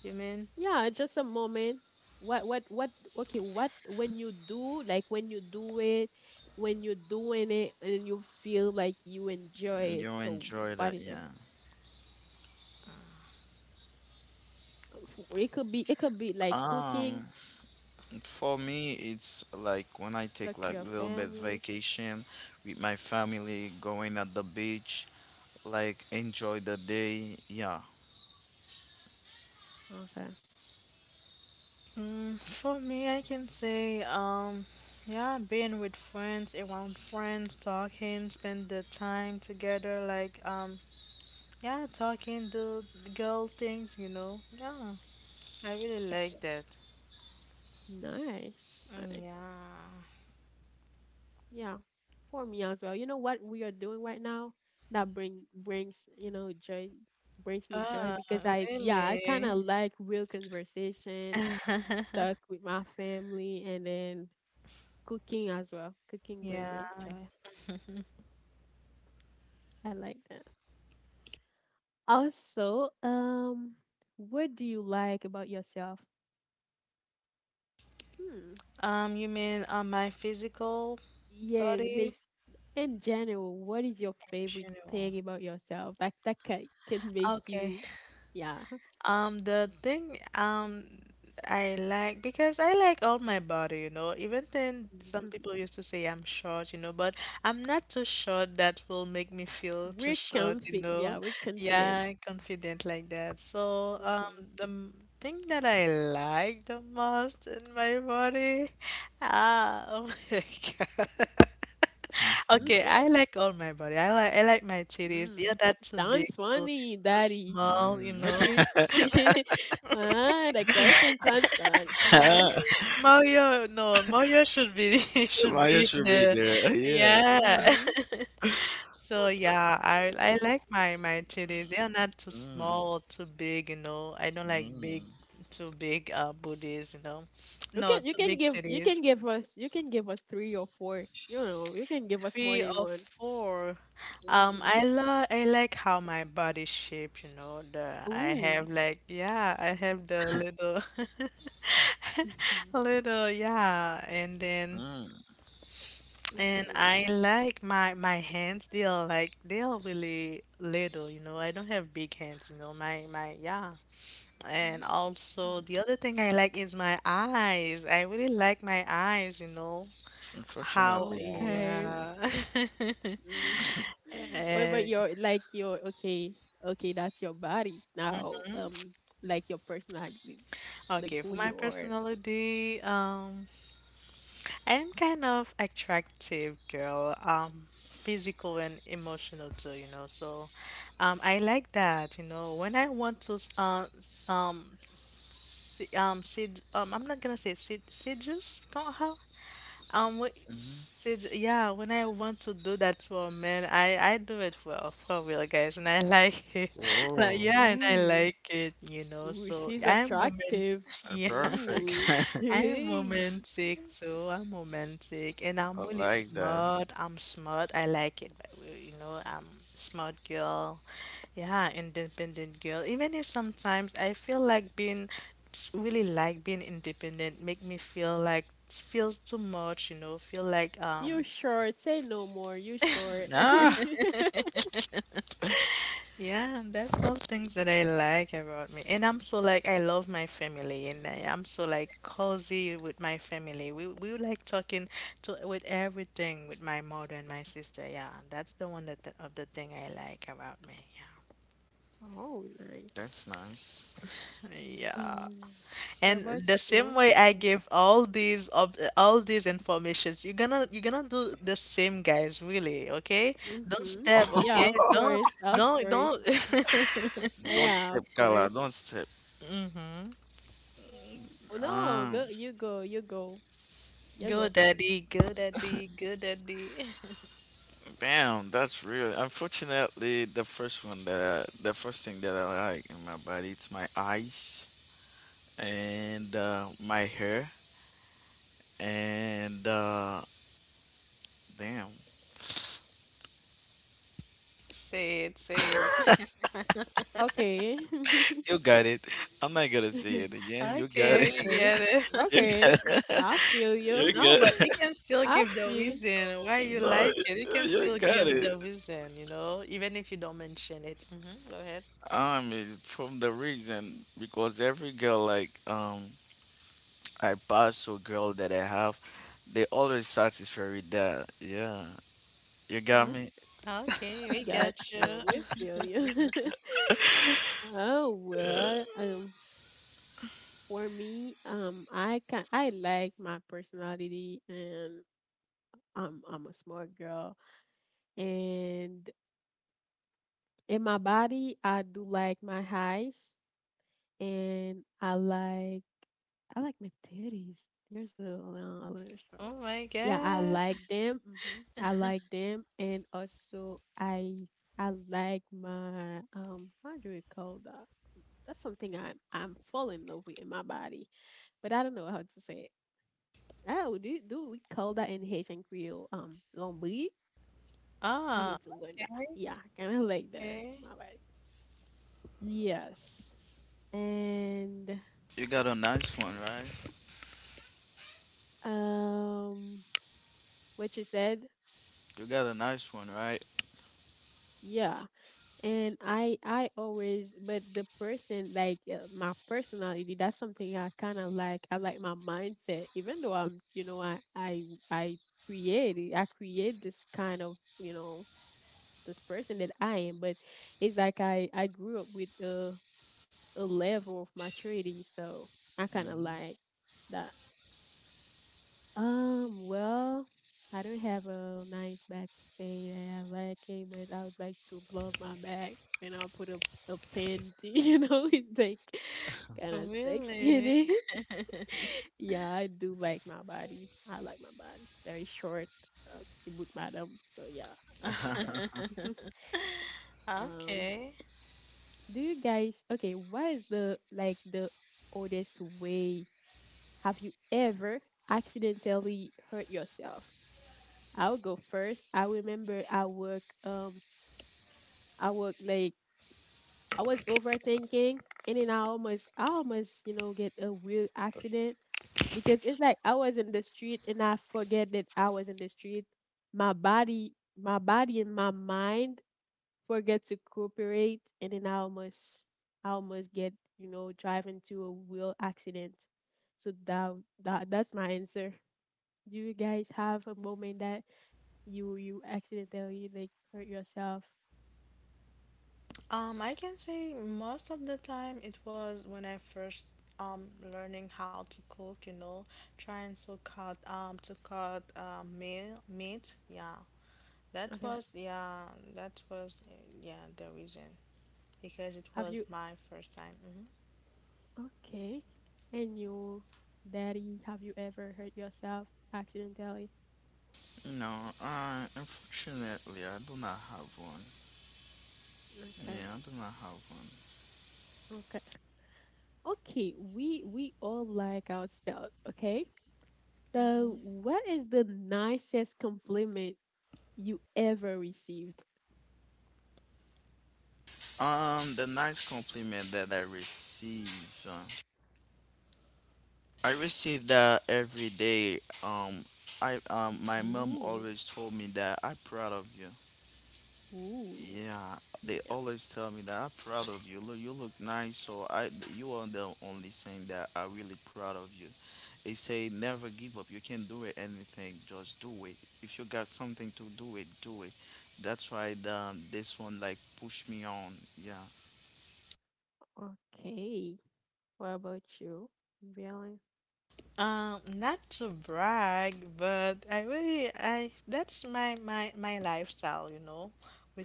S3: You mean?
S1: Yeah, just a moment. What what? Okay, what when you do like when you do it, when you're doing it, and you feel like you enjoy it.
S2: you
S1: So
S2: enjoy
S1: what
S2: that.
S1: is it?
S2: Yeah.
S1: It could be, it could be like cooking,
S2: Um, for me, it's like when I take
S1: talk to
S2: like
S1: your
S2: little bit
S1: family.
S2: vacation with my family, going at the beach, like enjoy the day. Yeah.
S1: Okay.
S3: Mm, for me, I can say, yeah, being with friends, around friends, talking, spend the time together, like, yeah, talking, do girl things, you know. Yeah, I really like that.
S1: Nice,
S3: Mm,
S1: nice.
S3: yeah.
S1: Yeah, for me as well. You know what we are doing right now that brings, you know, joy, brings me joy,
S3: Ah,
S1: because I, yeah, I kind of
S3: really?
S1: like real conversation, talk with my family, and then cooking as well. Cooking bring
S3: Yeah.
S1: me joy. I like that. Also, what do you like about yourself? Hmm.
S3: You mean, my physical
S1: Yeah,
S3: body
S1: like in general, what is your
S3: in
S1: favorite
S3: general?
S1: thing about yourself? Like that can make
S3: Okay.
S1: you, yeah.
S3: The thing I like because I like all my body, you know. Even then, some
S1: Mhm.
S3: people used to say I'm short, you know, but I'm not too short that will make me feel too
S1: We're
S3: short, you
S1: confident.
S3: know.
S1: Yeah, we're confident.
S3: Yeah, confident like that. So,
S1: Mm-hmm.
S3: the thing that I like the most in my body, ah, oh my God.
S2: Mhm.
S3: Okay,
S1: Hmm.
S3: I like all my body. I like my titties. They are
S1: Mm.
S3: not too big,
S1: Sounds funny,
S3: too
S1: Daddy.
S3: small, you
S2: Mm.
S1: What do
S3: know.
S1: you? Ah, the question sounds funny. Mm.
S3: Mario, no, Mario should be should
S2: Maya
S3: be in
S2: should be
S3: there.
S2: there. Yeah.
S3: Yeah.
S1: Mm.
S3: So yeah, I like my titties. They are not too
S2: Mm,
S3: small or too big, you know. I don't like big
S2: mm,
S3: too big booties, you know. No,
S1: You
S3: too
S1: can
S3: big
S1: give, you
S3: titties.
S1: can give us, you can give us three or four. You know you can give us more
S3: Three
S1: than
S3: or
S1: one.
S3: four.
S1: Mm-hmm.
S3: I like how my body shape, you know. The I
S1: Ooh.
S3: have like yeah, I have the little little yeah, and then
S2: mm.
S1: Mhm.
S3: and
S1: Mm-hmm.
S3: I like my hands, they are like they are really little, you know. I don't have big hands, you know. My yeah. And also
S1: Mhm.
S3: the other thing I like is my eyes. I really like my eyes, you know.
S2: Unfortunately,
S3: How
S2: I want to see
S1: Okay.
S2: you.
S3: yeah.
S1: Mm. What about
S3: And
S1: your like your okay, okay, that's your body now. Like your personality, like
S3: okay, for
S1: who
S3: my
S1: you are.
S3: personality, I'm kind of attractive girl, physical and emotional too, you know. So, I like that, you know. When I want to, s- s- se- sed I'm not gonna say seduce, how? Wh-
S2: Mm-hmm.
S3: sed yeah. When I want to do that to a man, I do it well for real, guys, and I like it. Like,
S2: Whoa,
S3: yeah, and I
S1: Ooh,
S3: like it, you know.
S1: ooh,
S3: So
S1: she's
S3: I'm a man,
S1: attractive.
S3: yeah.
S2: perfect.
S1: Ooh,
S3: I am
S1: hey,
S3: romantic too. I'm romantic and I'm
S2: I
S3: really
S2: like that.
S3: smart. I'm smart. I like it, but you know, I'm smart girl. Yeah, independent girl. Even if sometimes I feel like being it's really like being independent make me feel like it feels too much, you know, feel like
S1: you short. Say no more. You short.
S2: Ah,
S3: yeah, and that's all things that I like about me. And I'm so like I love my family and I'm so like cozy with my family. We like talking to with everything with my mother and my sister. Yeah, that's the one that the, of the thing I like about me. Yeah.
S1: Oh, nice.
S2: that's nice.
S3: Yeah.
S1: Um, what
S3: And
S1: about
S3: the same
S1: you?
S3: way I give all these of all these informations, you're gonna do the same guys, really, okay? Don't
S1: Mm-hmm.
S3: step,
S1: Yeah,
S3: okay?
S1: of course, of course.
S3: Don't
S2: Don't
S1: Yeah,
S2: step,
S1: of
S2: Carla.
S1: course.
S2: Don't step.
S3: Mhm.
S1: Oh, no,
S2: Um,
S1: go. You go. You go. You
S3: Good
S1: go.
S3: daddy, good daddy, good daddy.
S2: bam. That's real. Unfortunately, the first thing that I like in my body, it's my eyes and my hair and damn.
S3: Say it, say it.
S1: Okay.
S2: You got it. I'm not gonna say it again. You got it.
S3: Okay, we
S1: Okay.
S3: get it.
S2: You,
S1: Okay. I feel
S2: you
S1: you.
S3: No,
S2: got
S3: but you can still
S1: I
S3: give the
S1: feel
S3: reason why you
S2: No,
S3: like it. You can
S2: you
S3: still
S2: got
S3: give the
S2: it.
S3: reason, you know, even if you don't mention it. Hmm. Go ahead.
S2: It's from the reason because every girl like I pass or girl that I have, they always satisfy with that. Yeah, you got
S1: I
S2: me.
S3: Okay, we
S1: got
S3: got you.
S1: you. We feel you. Oh well, for me, I like my personality, and I'm a smart girl, and in my body, I do like my highs, and I like my titties. You're so a little
S3: Oh
S1: short.
S3: my
S1: Yeah, I
S3: God.
S1: like them. Hmm, I like them, and also I like my. How do we call that? That's something I'm falling in love with in my body, but I don't know how to say it. Oh, do we call that in Haitian Creole? Lombi. I
S3: Ah,
S1: need to learn that. Yeah, kind of like that.
S3: okay.
S1: My body. Yes, and
S2: You got a nice one, right?
S1: um, what you said.
S2: You got a nice one, right?
S1: Yeah, and I always, but the person like my personality, that's something I kind of like, I like my mindset, even though I'm, you know, I create this kind of, you know, this person that I am, but it's like I grew up with a level of maturity, so I kind of like that. Um, well, I don't have a nice bag to say that I like it, but I would like to love my bag and I'll put a panty, you know, it's like kind of sexy in
S3: Really?
S1: it. Yeah, I do like my body. I like my body. Very short, Tibut madam. So yeah, like
S2: hmm
S1: that. Um,
S3: Okay.
S1: do you guys, okay, what is the, like, the oldest way have you ever accidentally hurt yourself? I'll go first. I remember I work like I was overthinking and then I almost, you know, get a real accident, because it's like I was in the street and I forget that I was in the street. My body and my mind forget to cooperate, and then I almost get, you know, drive into a real accident. So that's my answer. Do you guys have a moment that you accidentally like hurt yourself?
S3: I can say most of the time it was when I first learning how to cook, you know, trying to cut meal meat. Yeah, that
S1: Okay.
S3: was yeah that was yeah the reason because it
S1: Have
S3: was
S1: you
S3: my first time. Hmm.
S1: okay? And you, daddy, have you ever hurt yourself accidentally?
S2: No, unfortunately, I do not have one.
S1: Okay.
S2: Yeah, I do not have one.
S1: Okay. Okay. We all like ourselves. Okay. So what is the nicest compliment you ever received?
S2: The nice compliment that uh, I receive that every day. I my mom
S1: Ooh.
S2: always told me that I'm proud of you.
S1: Ooh.
S2: Yeah, they
S1: Yeah.
S2: always tell me that I'm proud of you. Look, you look nice. So I, you are the only thing that I'm really proud of you. They say never give up. You can do it anything. Just do it. If you got something to do it, do it. That's why the this one like push me on. Yeah.
S1: Okay. What about you? Really?
S3: Not to brag, but I really I that's my lifestyle, you know.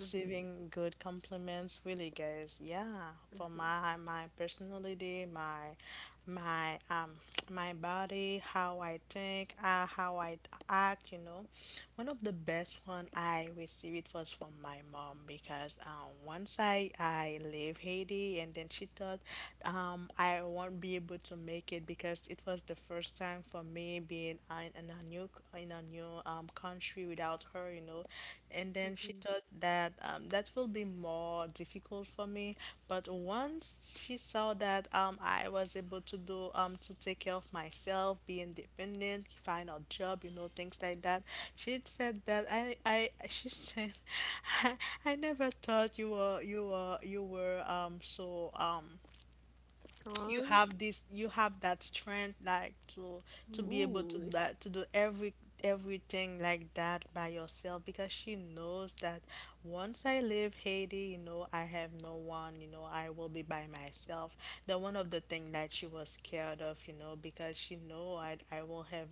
S1: Mm-hmm,
S3: good compliments really guys, yeah, for
S1: mm-hmm,
S3: my personality, my my body, how I think, how I act, you know. One of the best one I received it was from my mom because once I leave Haiti and then she thought I won't be able to make it because it was the first time for me being in a new in a new country without her, you know. And then she
S1: mm-hmm.
S3: thought that that will be more difficult for me. But once she saw that I was able to do to take care of myself, be independent, find a job, you know, things like that, she said that I she said I, I never thought you were so you
S1: Strong.
S3: have this you have that strength like to be able to
S1: Ooh.
S3: that to do everything like that by yourself because she knows that once I leave Haiti, you know, I have no one, you know, I will be by myself. The one of the thing that she was scared of, you know, because she know I will have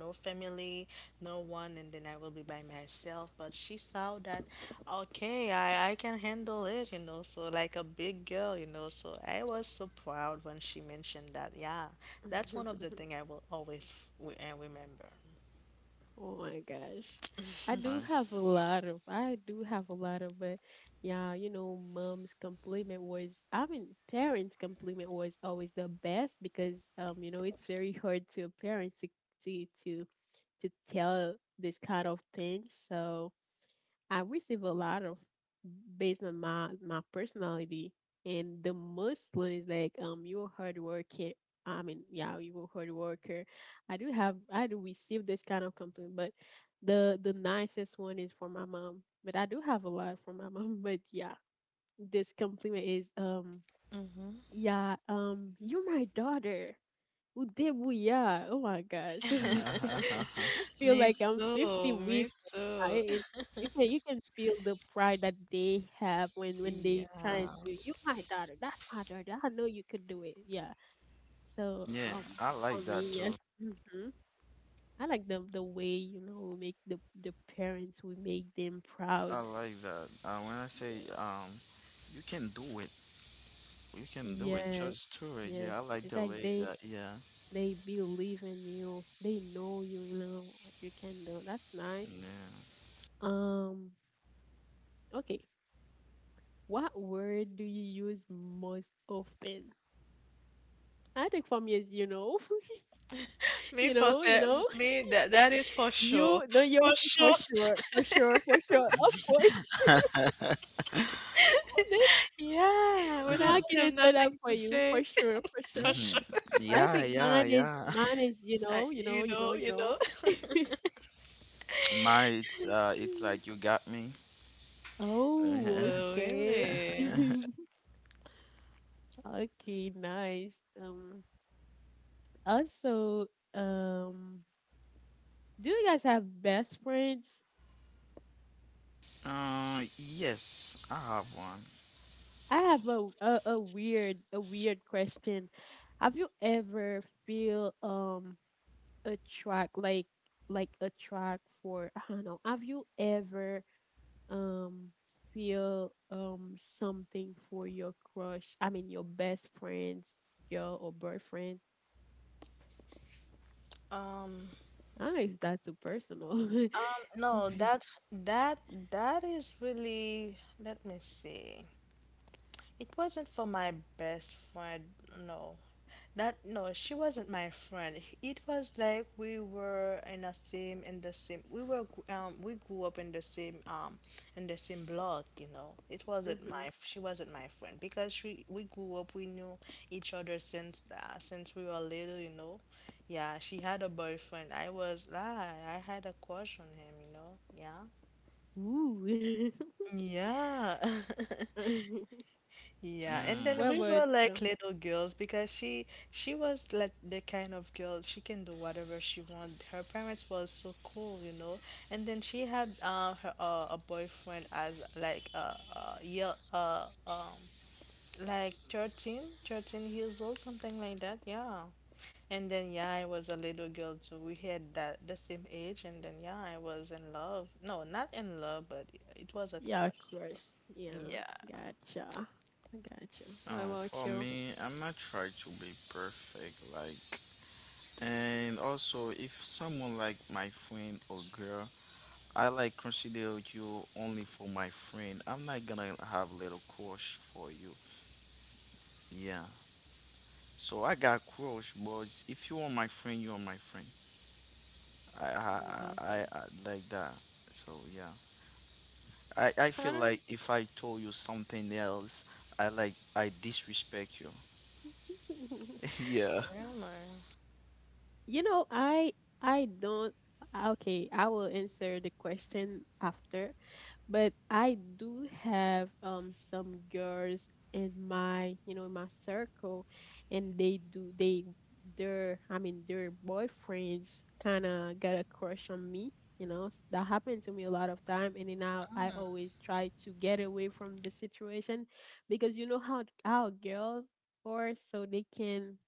S3: no family, no one, and then I will be by myself. But she saw that, okay, I can handle it, you know, so like a big girl, you know. So I was so proud when she mentioned that. Yeah, that's one of the thing I will always remember.
S1: Oh my gosh. I do have a
S2: Nice.
S1: lot of, I do have a lot of, but yeah, you know, mom's compliment was, I mean, parents' compliment was always the best, because you know, it's very hard to parents to to, to tell this kind of things. So I receive a lot of based on my my personality. And the most one is like you're a hard worker. I mean, yeah, you're a hard worker. I do receive this kind of complaint, but the nicest one is for my mom. But I do have a lot for my mom. But yeah, this compliment is
S3: Mm-hmm.
S1: yeah you're my daughter. Udebuya. Oh my gosh, she's like I feel
S3: Me
S1: like I'm 50.
S3: too, me
S1: I
S3: too.
S1: It, you can, you can feel the pride that they have when they
S3: Yeah.
S1: trying to, you, my daughter, that's my daughter, I know you could do it, yeah, so
S2: yeah,
S1: um,
S2: I
S1: for
S2: like that
S1: me,
S2: too.
S1: yes, hmm, I like the way, you know, we make the parents, we make them
S2: I
S1: proud,
S2: like that. When I say
S1: yeah,
S2: you can do it. You can do it.
S1: yes,
S2: Just do it.
S1: yes,
S2: Yeah, I like
S1: it's
S2: the
S1: like
S2: way that. Yeah.
S1: they believe in you, they know you, you know what you can do, that's nice.
S2: Yeah.
S1: Um, okay, what word do you use most often? I think for me is, you know,
S3: Me
S1: you
S3: for
S1: know, you
S3: se-
S1: know,
S3: me that that is for sure.
S1: you no
S3: For
S1: yours is
S3: sure.
S1: for sure, for sure, for sure, of course.
S3: Yeah,
S1: You
S3: when I
S1: know,
S3: don't
S1: I can
S3: have
S1: answer that
S3: nothing
S1: for
S3: to
S1: you, for
S3: say,
S1: sure, for
S3: for
S1: sure.
S2: hmm
S3: sure.
S1: I
S2: Yeah,
S1: think
S2: yeah,
S1: mine is,
S2: yeah.
S1: mine is, you
S3: Uh,
S1: know, you know,
S3: you
S1: you know,
S3: know,
S1: you
S3: you
S1: know.
S3: know.
S2: My, it's
S1: Mm.
S2: like you got me.
S1: Oh,
S3: Oh,
S1: okay,
S3: really?
S1: okay, nice. Um, also, um, do you guys have best friends?
S2: Yes, I have one.
S1: I have a weird question. Have you ever feel a track like a track for I don't know. Have you ever um feel something for your crush? I mean your best friend's girl or boyfriend?
S3: Um,
S1: I don't know if that's too personal. Mm-hmm.
S3: no, that that that is really, let me see. It wasn't for my best friend, no. That no, she wasn't my friend. It was like we were in the same. We grew up in the same block, you know. It wasn't my she wasn't my friend because she we grew up we knew each other since we were little, you know. Yeah, she had a boyfriend. I was I had a crush on him, you know. Yeah.
S1: Ooh.
S3: Yeah. Yeah, and
S2: Mm,
S3: then
S1: What
S3: we
S1: about
S3: were like
S1: you?
S3: little girls because she was like the kind of girl she can do whatever she want. Her parents was so cool, you know. And then she had her a boyfriend as like like 13, 13 years old, something like that. Yeah. And then yeah, I was a little girl too. We had that the same age, and then yeah, I was in love. No, not in love, but it was a
S1: Yeah,
S3: crush.
S1: crush. Yeah,
S3: Yeah,
S1: gotcha. I gotcha. What about
S2: for
S1: you?
S2: me, I'm not trying to be perfect, like, and also if someone like my friend or girl, I like consider you only for my friend. I'm not gonna have little crush for you. Yeah. So I got crush, but if you are my friend, you are my friend.
S1: I gotcha.
S2: I like that. So yeah, I feel
S1: I
S2: like if I told you something else, I like I disrespect you.
S1: don't.
S2: yeah.
S3: you remember?
S1: You know, I don't. Ah, okay, I will answer the question after, but I do have some girls in my, you know, in my circle, and they their, I mean, their boyfriends kind of got a crush on me, you know. That happened to me a lot of time, and then I always try to get away from the situation because you know how girls are, so they can.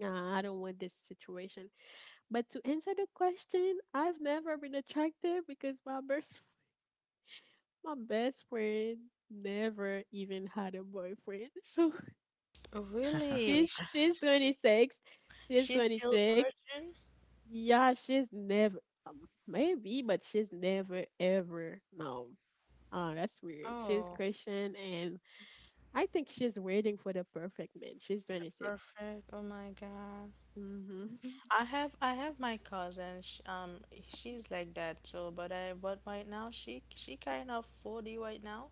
S1: Nah, I don't want this situation. But to answer the question, I've never been attracted because my best my best friend never even had a boyfriend. So
S3: Really?
S1: she's she's 26. She's
S3: She's still
S1: 26.
S3: virgin?
S1: Yeah, she's never, um, maybe, but she's never ever, no. Oh, that's weird. She's
S3: Oh,
S1: Christian, and I think she's waiting for the perfect man. She's 26.
S3: perfect. Oh my God.
S1: Mm-hmm.
S3: I have my cousin. She, she's like that. So, but I but right now she kind of 40 right now.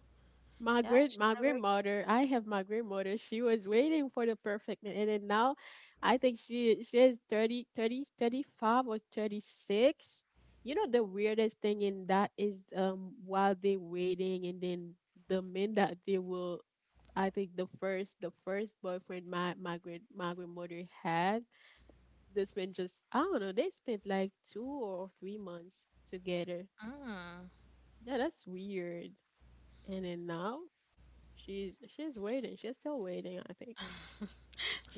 S3: Yeah, she
S1: My
S3: never.
S1: grandmother, she was waiting for the perfect man, and then now I think she is 35 or 36. You know, the weirdest thing in that is while they waiting, and then the men that they will. I think the first boyfriend my grandmother had, this man, just I don't know, they spent like 2 or 3 months together.
S3: Mm.
S1: Yeah, that's weird. And then now she's waiting. She's still waiting, I think.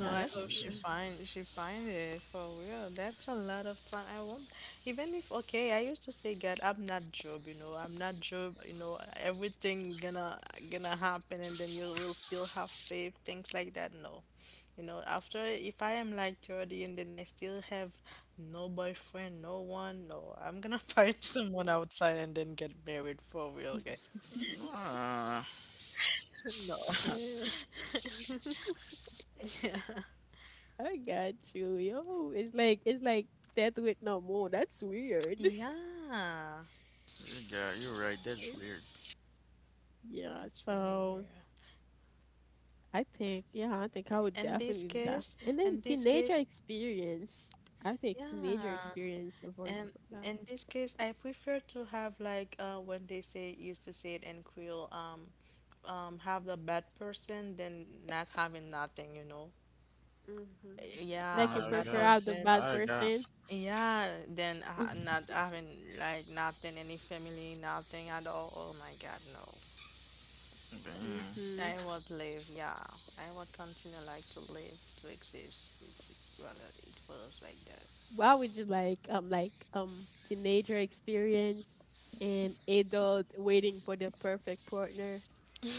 S3: No, I
S1: that's
S3: hope
S1: weird.
S3: she find it for real. That's a lot of time. I won't even if okay, I used to say God, I'm not Job, you know, I'm not Job, you know, everything gonna happen and then you will still have faith, things like that. No. You know, after if I am like 30 and then I still have no boyfriend, no one, no, I'm gonna find someone outside and then get married for real, guys.
S2: Nah,
S3: No.
S1: Eh. I got you. Yo, it's like death with no more. That's weird.
S3: Yeah,
S2: yeah, you're right. That's
S1: I-
S2: weird.
S1: yeah,
S3: that's really
S1: so
S3: weird.
S1: I think, yeah, I think I would
S3: In this
S1: definitely do that.
S3: case,
S1: And then
S3: in this case,
S1: teenager experience. I think teenager
S3: yeah,
S1: experience avoid you
S3: and
S1: for that.
S3: in this case, I prefer to have like when they say used to say it in Creole, have the bad person than not having nothing, you know.
S1: Hmm.
S3: Yeah,
S1: Like
S3: a
S1: you
S2: I
S3: bad
S1: prefer
S2: got,
S1: out the
S3: husband.
S1: bad
S2: I got,
S1: person.
S3: Yeah, then not having like nothing, any family, nothing at all. Oh my God, no.
S2: damn.
S1: Hmm.
S3: I would live. Yeah, I would continue like to live, to exist. It's, well, it was like that.
S1: What would you like? Like teenager experience and adult waiting for the perfect partner.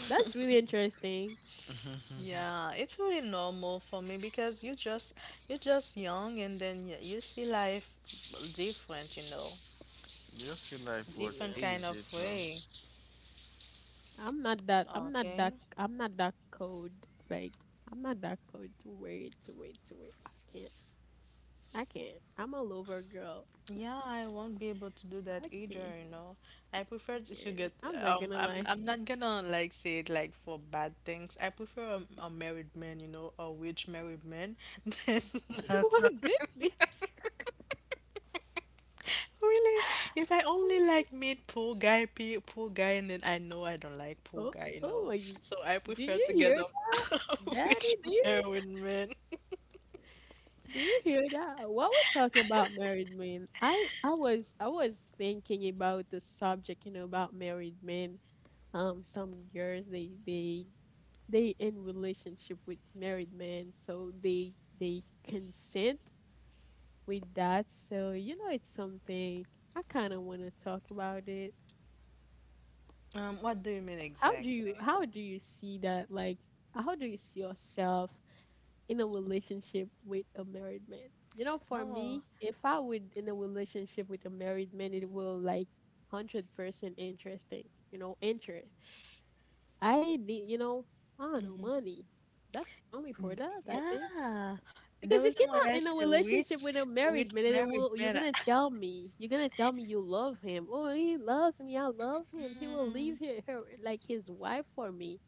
S1: That's really interesting.
S3: Yeah, it's really normal for me because you're just young and then you see life different, you know,
S2: You see, life was
S3: different
S1: Yeah,
S3: kind
S2: easy
S3: of
S2: too.
S3: way.
S1: I'm not that. I'm not
S3: Okay.
S1: that. I'm not that cold. Like I'm not that cold to wait, to wait, to wait. I can't. I can't. I'm a lover girl.
S3: Yeah, I won't be able to do that
S1: I
S3: either,
S1: can't.
S3: you know. I prefer
S1: I
S3: to get
S1: can't. I'm not gonna
S3: I'm
S1: lie.
S3: I'm not gonna like say it like for bad things. I prefer a married man, you know, a rich married man than a.
S1: Oh my goodness.
S3: Really? If I only like meet pool guy, pool guy, and then I know I don't like pool
S1: Oh,
S3: guy, you
S1: oh
S3: know.
S1: my.
S3: So I
S1: Do
S3: prefer
S1: you
S3: to get
S1: hear
S3: them
S1: that?
S3: with
S1: Daddy, do you.
S3: married men.
S1: Do you hear that? While we are talking about married men, I was thinking about the subject, you know, about married men. Some girls they they in relationship with married men, so they consent with that. So you know, it's something I kind of want to talk about it.
S3: What do you mean exactly?
S1: How do you see that? Like, how do you see yourself in a relationship with a married man? You know, for
S3: No,
S1: me, if I would in a relationship with a married man, it will like 100% interesting. You know, interest. I need, you know, I don't know, money. That's only for that, I think.
S3: yeah. The
S1: Because you
S3: reason why
S1: cannot
S3: I
S1: in a
S3: said
S1: relationship with a
S3: which
S1: married man, and it
S3: married
S1: will. You're
S3: men.
S1: gonna tell me, you're gonna tell me you love him. Oh, he loves me. I love him. He will leave her, like his wife, for me.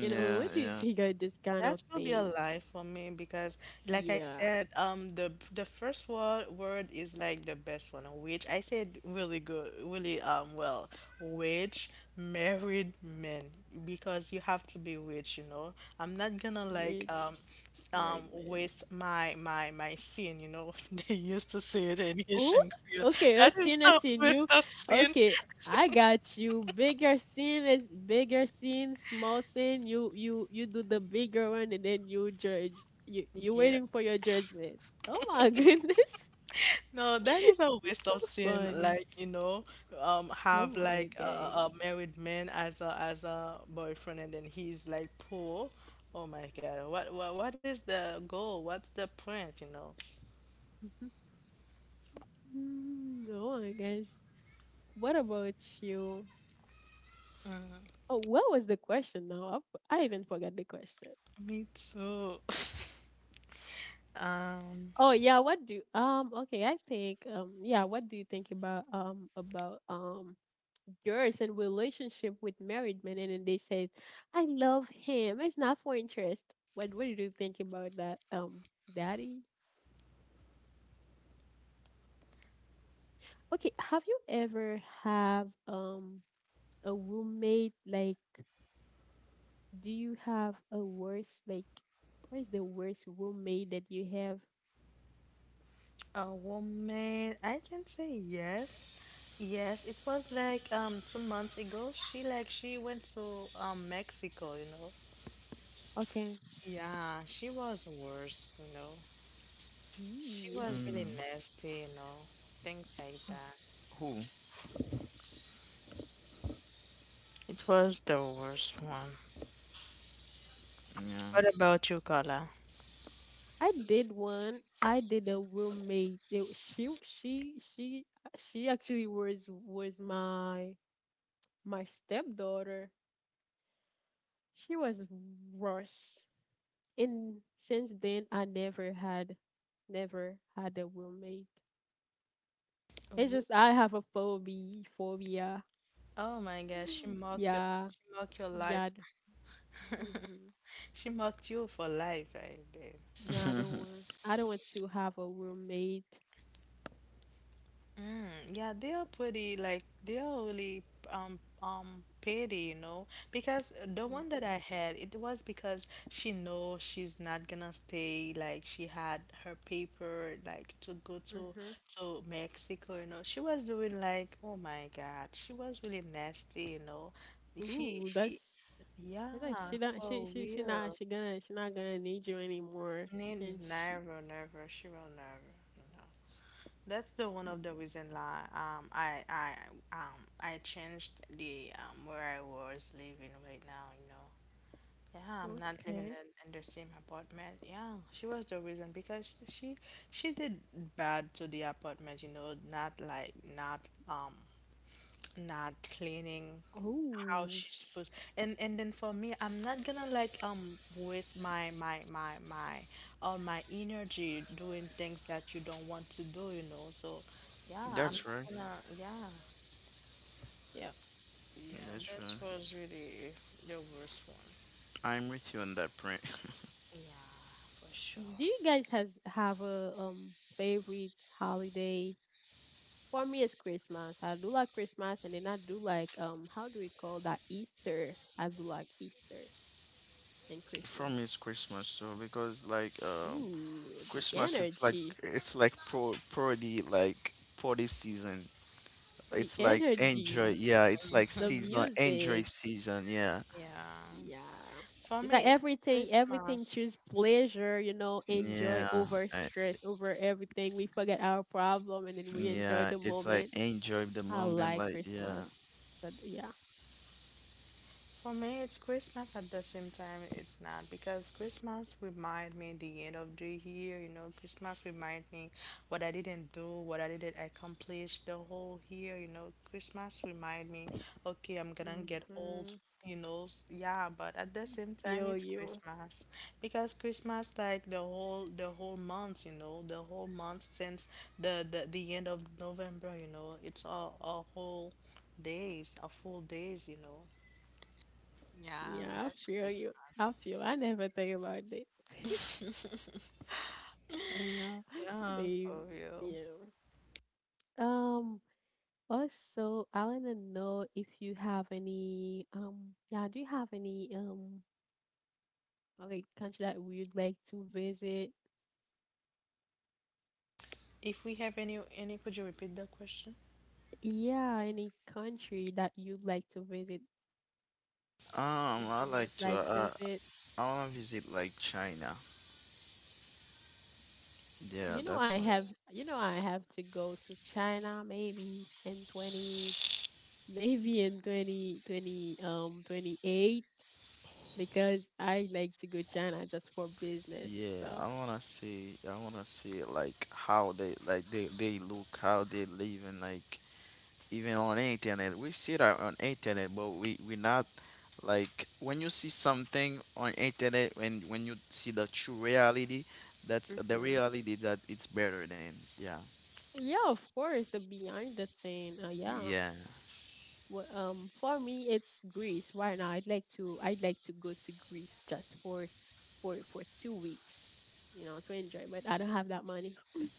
S1: You know, what do you
S2: yeah.
S1: think of this kind of
S3: That will be a
S1: things?
S3: lie for me because, like I
S1: Yeah,
S3: said, the the first word is like the best one, which I said really good, really well, which married men because you have to be rich, you know. I'm not gonna like
S1: rich married man.
S3: waste my sin, you know. They used to say it in
S1: Oh,
S3: Haitian Creole.
S1: okay. A
S3: That is
S1: sin
S3: a
S1: is in you.
S3: waste of sin.
S1: Okay, I got you. Bigger sin is bigger sin, small sin. You you do the bigger one, and then you judge. You
S3: Yeah.
S1: waiting for your judgment. Oh my goodness,
S3: No, that is a
S1: it's
S3: waste
S1: so
S3: of sin.
S1: funny.
S3: Like, you know,
S1: Oh
S3: have
S1: my
S3: like
S1: guys.
S3: a married man as a boyfriend, and then he's like poor. Oh my God, what is the goal? What's the point? You know.
S1: Mm, oh my gosh. What about you? Oh, what was the question now? I, I even forgot the question.
S3: Me too. Um,
S1: Oh yeah, what do okay, I think yeah, what do you think about yours and relationship with married men, and then they said, I love him, it's not for interest. What do you think about that, daddy? Okay, have you ever have a roommate, like, do you have a worst, like, what is the worst roommate that you have?
S3: a woman, I can say yes. Yes, it was like 2 months ago. She like she went to Mexico, you know.
S1: Okay.
S3: Yeah, she was worse, you know. She
S1: Yeah.
S3: was really
S2: Mm.
S3: nasty, you know, things like that.
S2: Who?
S3: It was the worst one.
S2: Yeah.
S3: What about you, Carla?
S1: I did one. I did a roommate. She she she actually was my my stepdaughter. She was worse. And since then I never had, never had a roommate. It's
S3: Oh
S1: just I have a phobia phobia.
S3: oh, my gosh,
S1: Yeah.
S3: she mocked your
S1: Yeah.
S3: life.
S1: Mm-hmm.
S3: She mocked you for life, I did.
S1: Yeah, I don't want, I don't want to have a roommate.
S3: Mm, yeah, they are pretty like they are really petty, you know, because the one that
S1: Mm-hmm.
S3: I had, it was because she know she's not gonna stay. Like she had her paper, like to go
S1: Mm-hmm.
S3: to Mexico, you know. She was doing like, oh my God, she was really nasty, you know.
S1: Ooh,
S3: She
S1: that's. It's like
S3: yeah,
S1: she don't,
S3: for
S1: she not,
S3: real.
S1: she gonna, she not gonna need you anymore. And she.
S3: Never, never, she will never, you That's the one of the reason like I changed the where I was living right now, you know. Yeah, I'm not living
S1: Okay.
S3: in the same apartment. Yeah, she was the reason because she did bad to the apartment, you know, not um not cleaning how
S1: Oh
S3: she's supposed. And then for me, I'm not gonna like waste my my my my all my energy doing things that you don't want to do, you know. So yeah, I'm
S2: That's
S1: mhm.
S3: not
S2: right.
S3: gonna, yeah,
S1: Yeah.
S3: yeah,
S2: That's
S3: that
S2: right.
S3: was really the worst one,
S2: I'm with you on that print.
S3: yeah, for sure.
S1: Do you guys has have a favorite holiday? For me it's Christmas. I do like Christmas, and then I do like, how do we call that, Easter? I do like Easter and
S2: For
S1: Christmas.
S2: me, it's Christmas, so because like
S1: Ooh, the
S2: Christmas
S1: energy.
S2: it's like pro parody like party season.
S1: The
S2: It's like enjoy
S1: energy,
S2: yeah, it's like
S1: the
S2: season enjoy
S1: music.
S2: season, yeah.
S3: Yeah,
S1: Yeah.
S3: for
S1: It's like
S3: me it's
S1: everything, everything
S3: Christmas.
S1: choose pleasure, you know, enjoy
S2: Yeah.
S1: over
S2: I,
S1: stress, over everything. We forget our problem, and then we enjoy
S2: yeah,
S1: the
S2: it's like
S1: moment.
S2: enjoy the
S1: I
S2: moment
S1: like
S2: like yeah.
S1: Christmas. So yeah.
S3: For me, it's Christmas at the same time. It's not because Christmas remind me the end of the year. You know, Christmas remind me what I didn't do, what I didn't accomplish the whole year. You know, Christmas remind me, okay, I'm gonna get old.
S1: Hmm.
S3: You know, yeah, but at the same time,
S1: Feel
S3: it's
S1: you.
S3: Christmas because Christmas like the whole month. You know, the whole month since the end of November. You know, it's a whole days, a full days. You know. Yeah,
S1: Yeah, I
S3: that's very
S1: feel you.
S3: nice.
S1: I feel I never think about this. Oh, yeah.
S3: Yeah,
S1: Babe.
S3: for real.
S1: Yeah. Um Also, I wanna know if you have any yeah, do you have any okay, country that we'd like to visit.
S3: If we have any, could you repeat the question?
S1: Yeah, any country that you'd like to visit, would
S2: I
S1: you
S2: like
S1: most
S2: to
S1: like visit?
S2: I wanna visit like China. Yeah,
S1: You know, I
S2: that's one.
S1: have, you know, I have to go to China maybe in 20, maybe in 20 20 28 because I like to go China just for business
S2: Yeah,
S1: stuff.
S2: I wanna see like how they like they look, how they live and like even on internet. We see that on internet, but we not like when you see something on internet when you see the true reality, that's the
S1: Mm-hmm.
S2: reality that it's better than yeah
S1: Yeah, of course, the behind the scene. Yeah.
S2: yeah.
S1: Well, for me, it's Greece. Why not? I'd like to. I'd like to go to Greece just for 2 weeks. You know, to enjoy. But I don't have that money.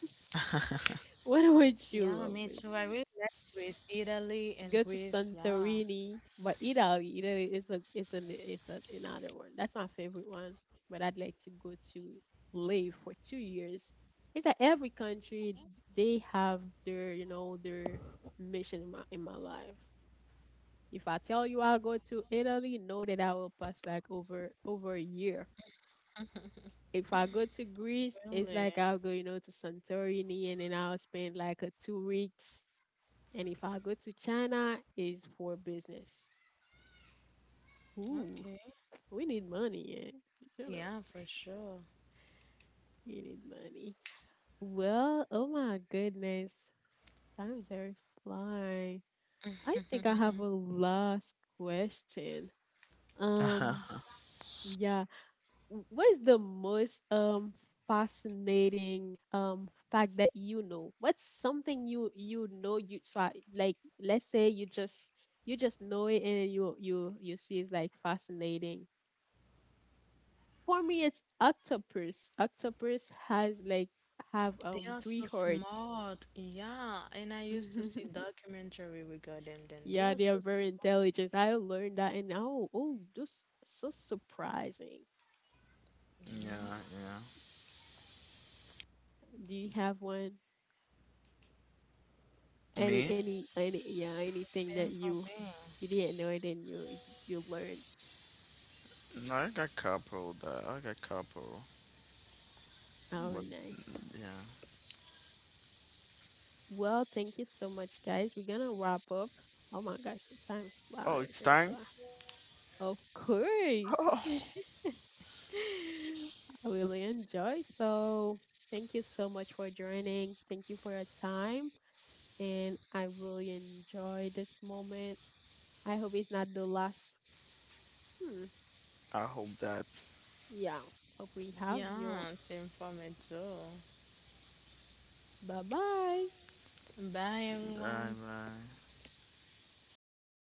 S1: What
S3: Yeah,
S1: about
S3: me
S1: you?
S3: too. I really like Greece, Italy, and
S1: Go to
S3: Greece. Yeah,
S1: Santorini, but Italy. Italy is a is an is a, another one. That's my favorite one. But I'd like to go to live for 2 years. It's like every country they have their, you know, their mission in my life. If I tell you I'll go to Italy, know that I will pass like over over a year. If I go to Greece,
S3: really.
S1: it's like I'll go, you know, to Santorini, and then I'll spend like a 2 weeks. And if I go to China, it's for business.
S3: Okay.
S1: Ooh, we need money, yeah. You
S3: Yeah,
S1: know,
S3: for sure.
S1: you need money. Well, oh my goodness, time's very fly. I think I have a last question.
S2: yeah,
S1: Um, yeah, what is the most fascinating fact that you know? What's something you, you know, you try, like, let's say you just know it, and you you see it's like fascinating. For me it's octopus. Octopus has like have
S3: They are so
S1: three hearts.
S3: smart. Yeah, and I used to see documentary regarding them. They are
S1: Yeah,
S3: so.
S1: they are very intelligent. I learned that, and oh, oh, just so surprising.
S3: Yeah,
S2: yeah.
S1: Do you have one?
S2: Me?
S1: Any yeah, anything
S3: same
S1: that
S3: for
S1: you
S3: me.
S1: you didn't know it, and you you learned.
S2: No, I got couple. That I got couple.
S1: Oh
S2: But
S1: nice.
S2: yeah.
S1: Well, thank you so much guys. We're gonna wrap up. Oh my gosh, the time is
S2: Oh,
S1: flying,
S2: it's
S1: very
S2: time.
S1: fly. Of course.
S2: Oh,
S1: I really enjoy. So thank you so much for joining. Thank you for your time. And I really enjoy this moment. I hope it's not the last. Hmm.
S2: I hope that.
S1: Yeah. Hope we have
S3: Yeah,
S1: you.
S3: same for me too.
S1: Bye bye.
S3: Bye, everyone.
S2: Bye bye. Jessica,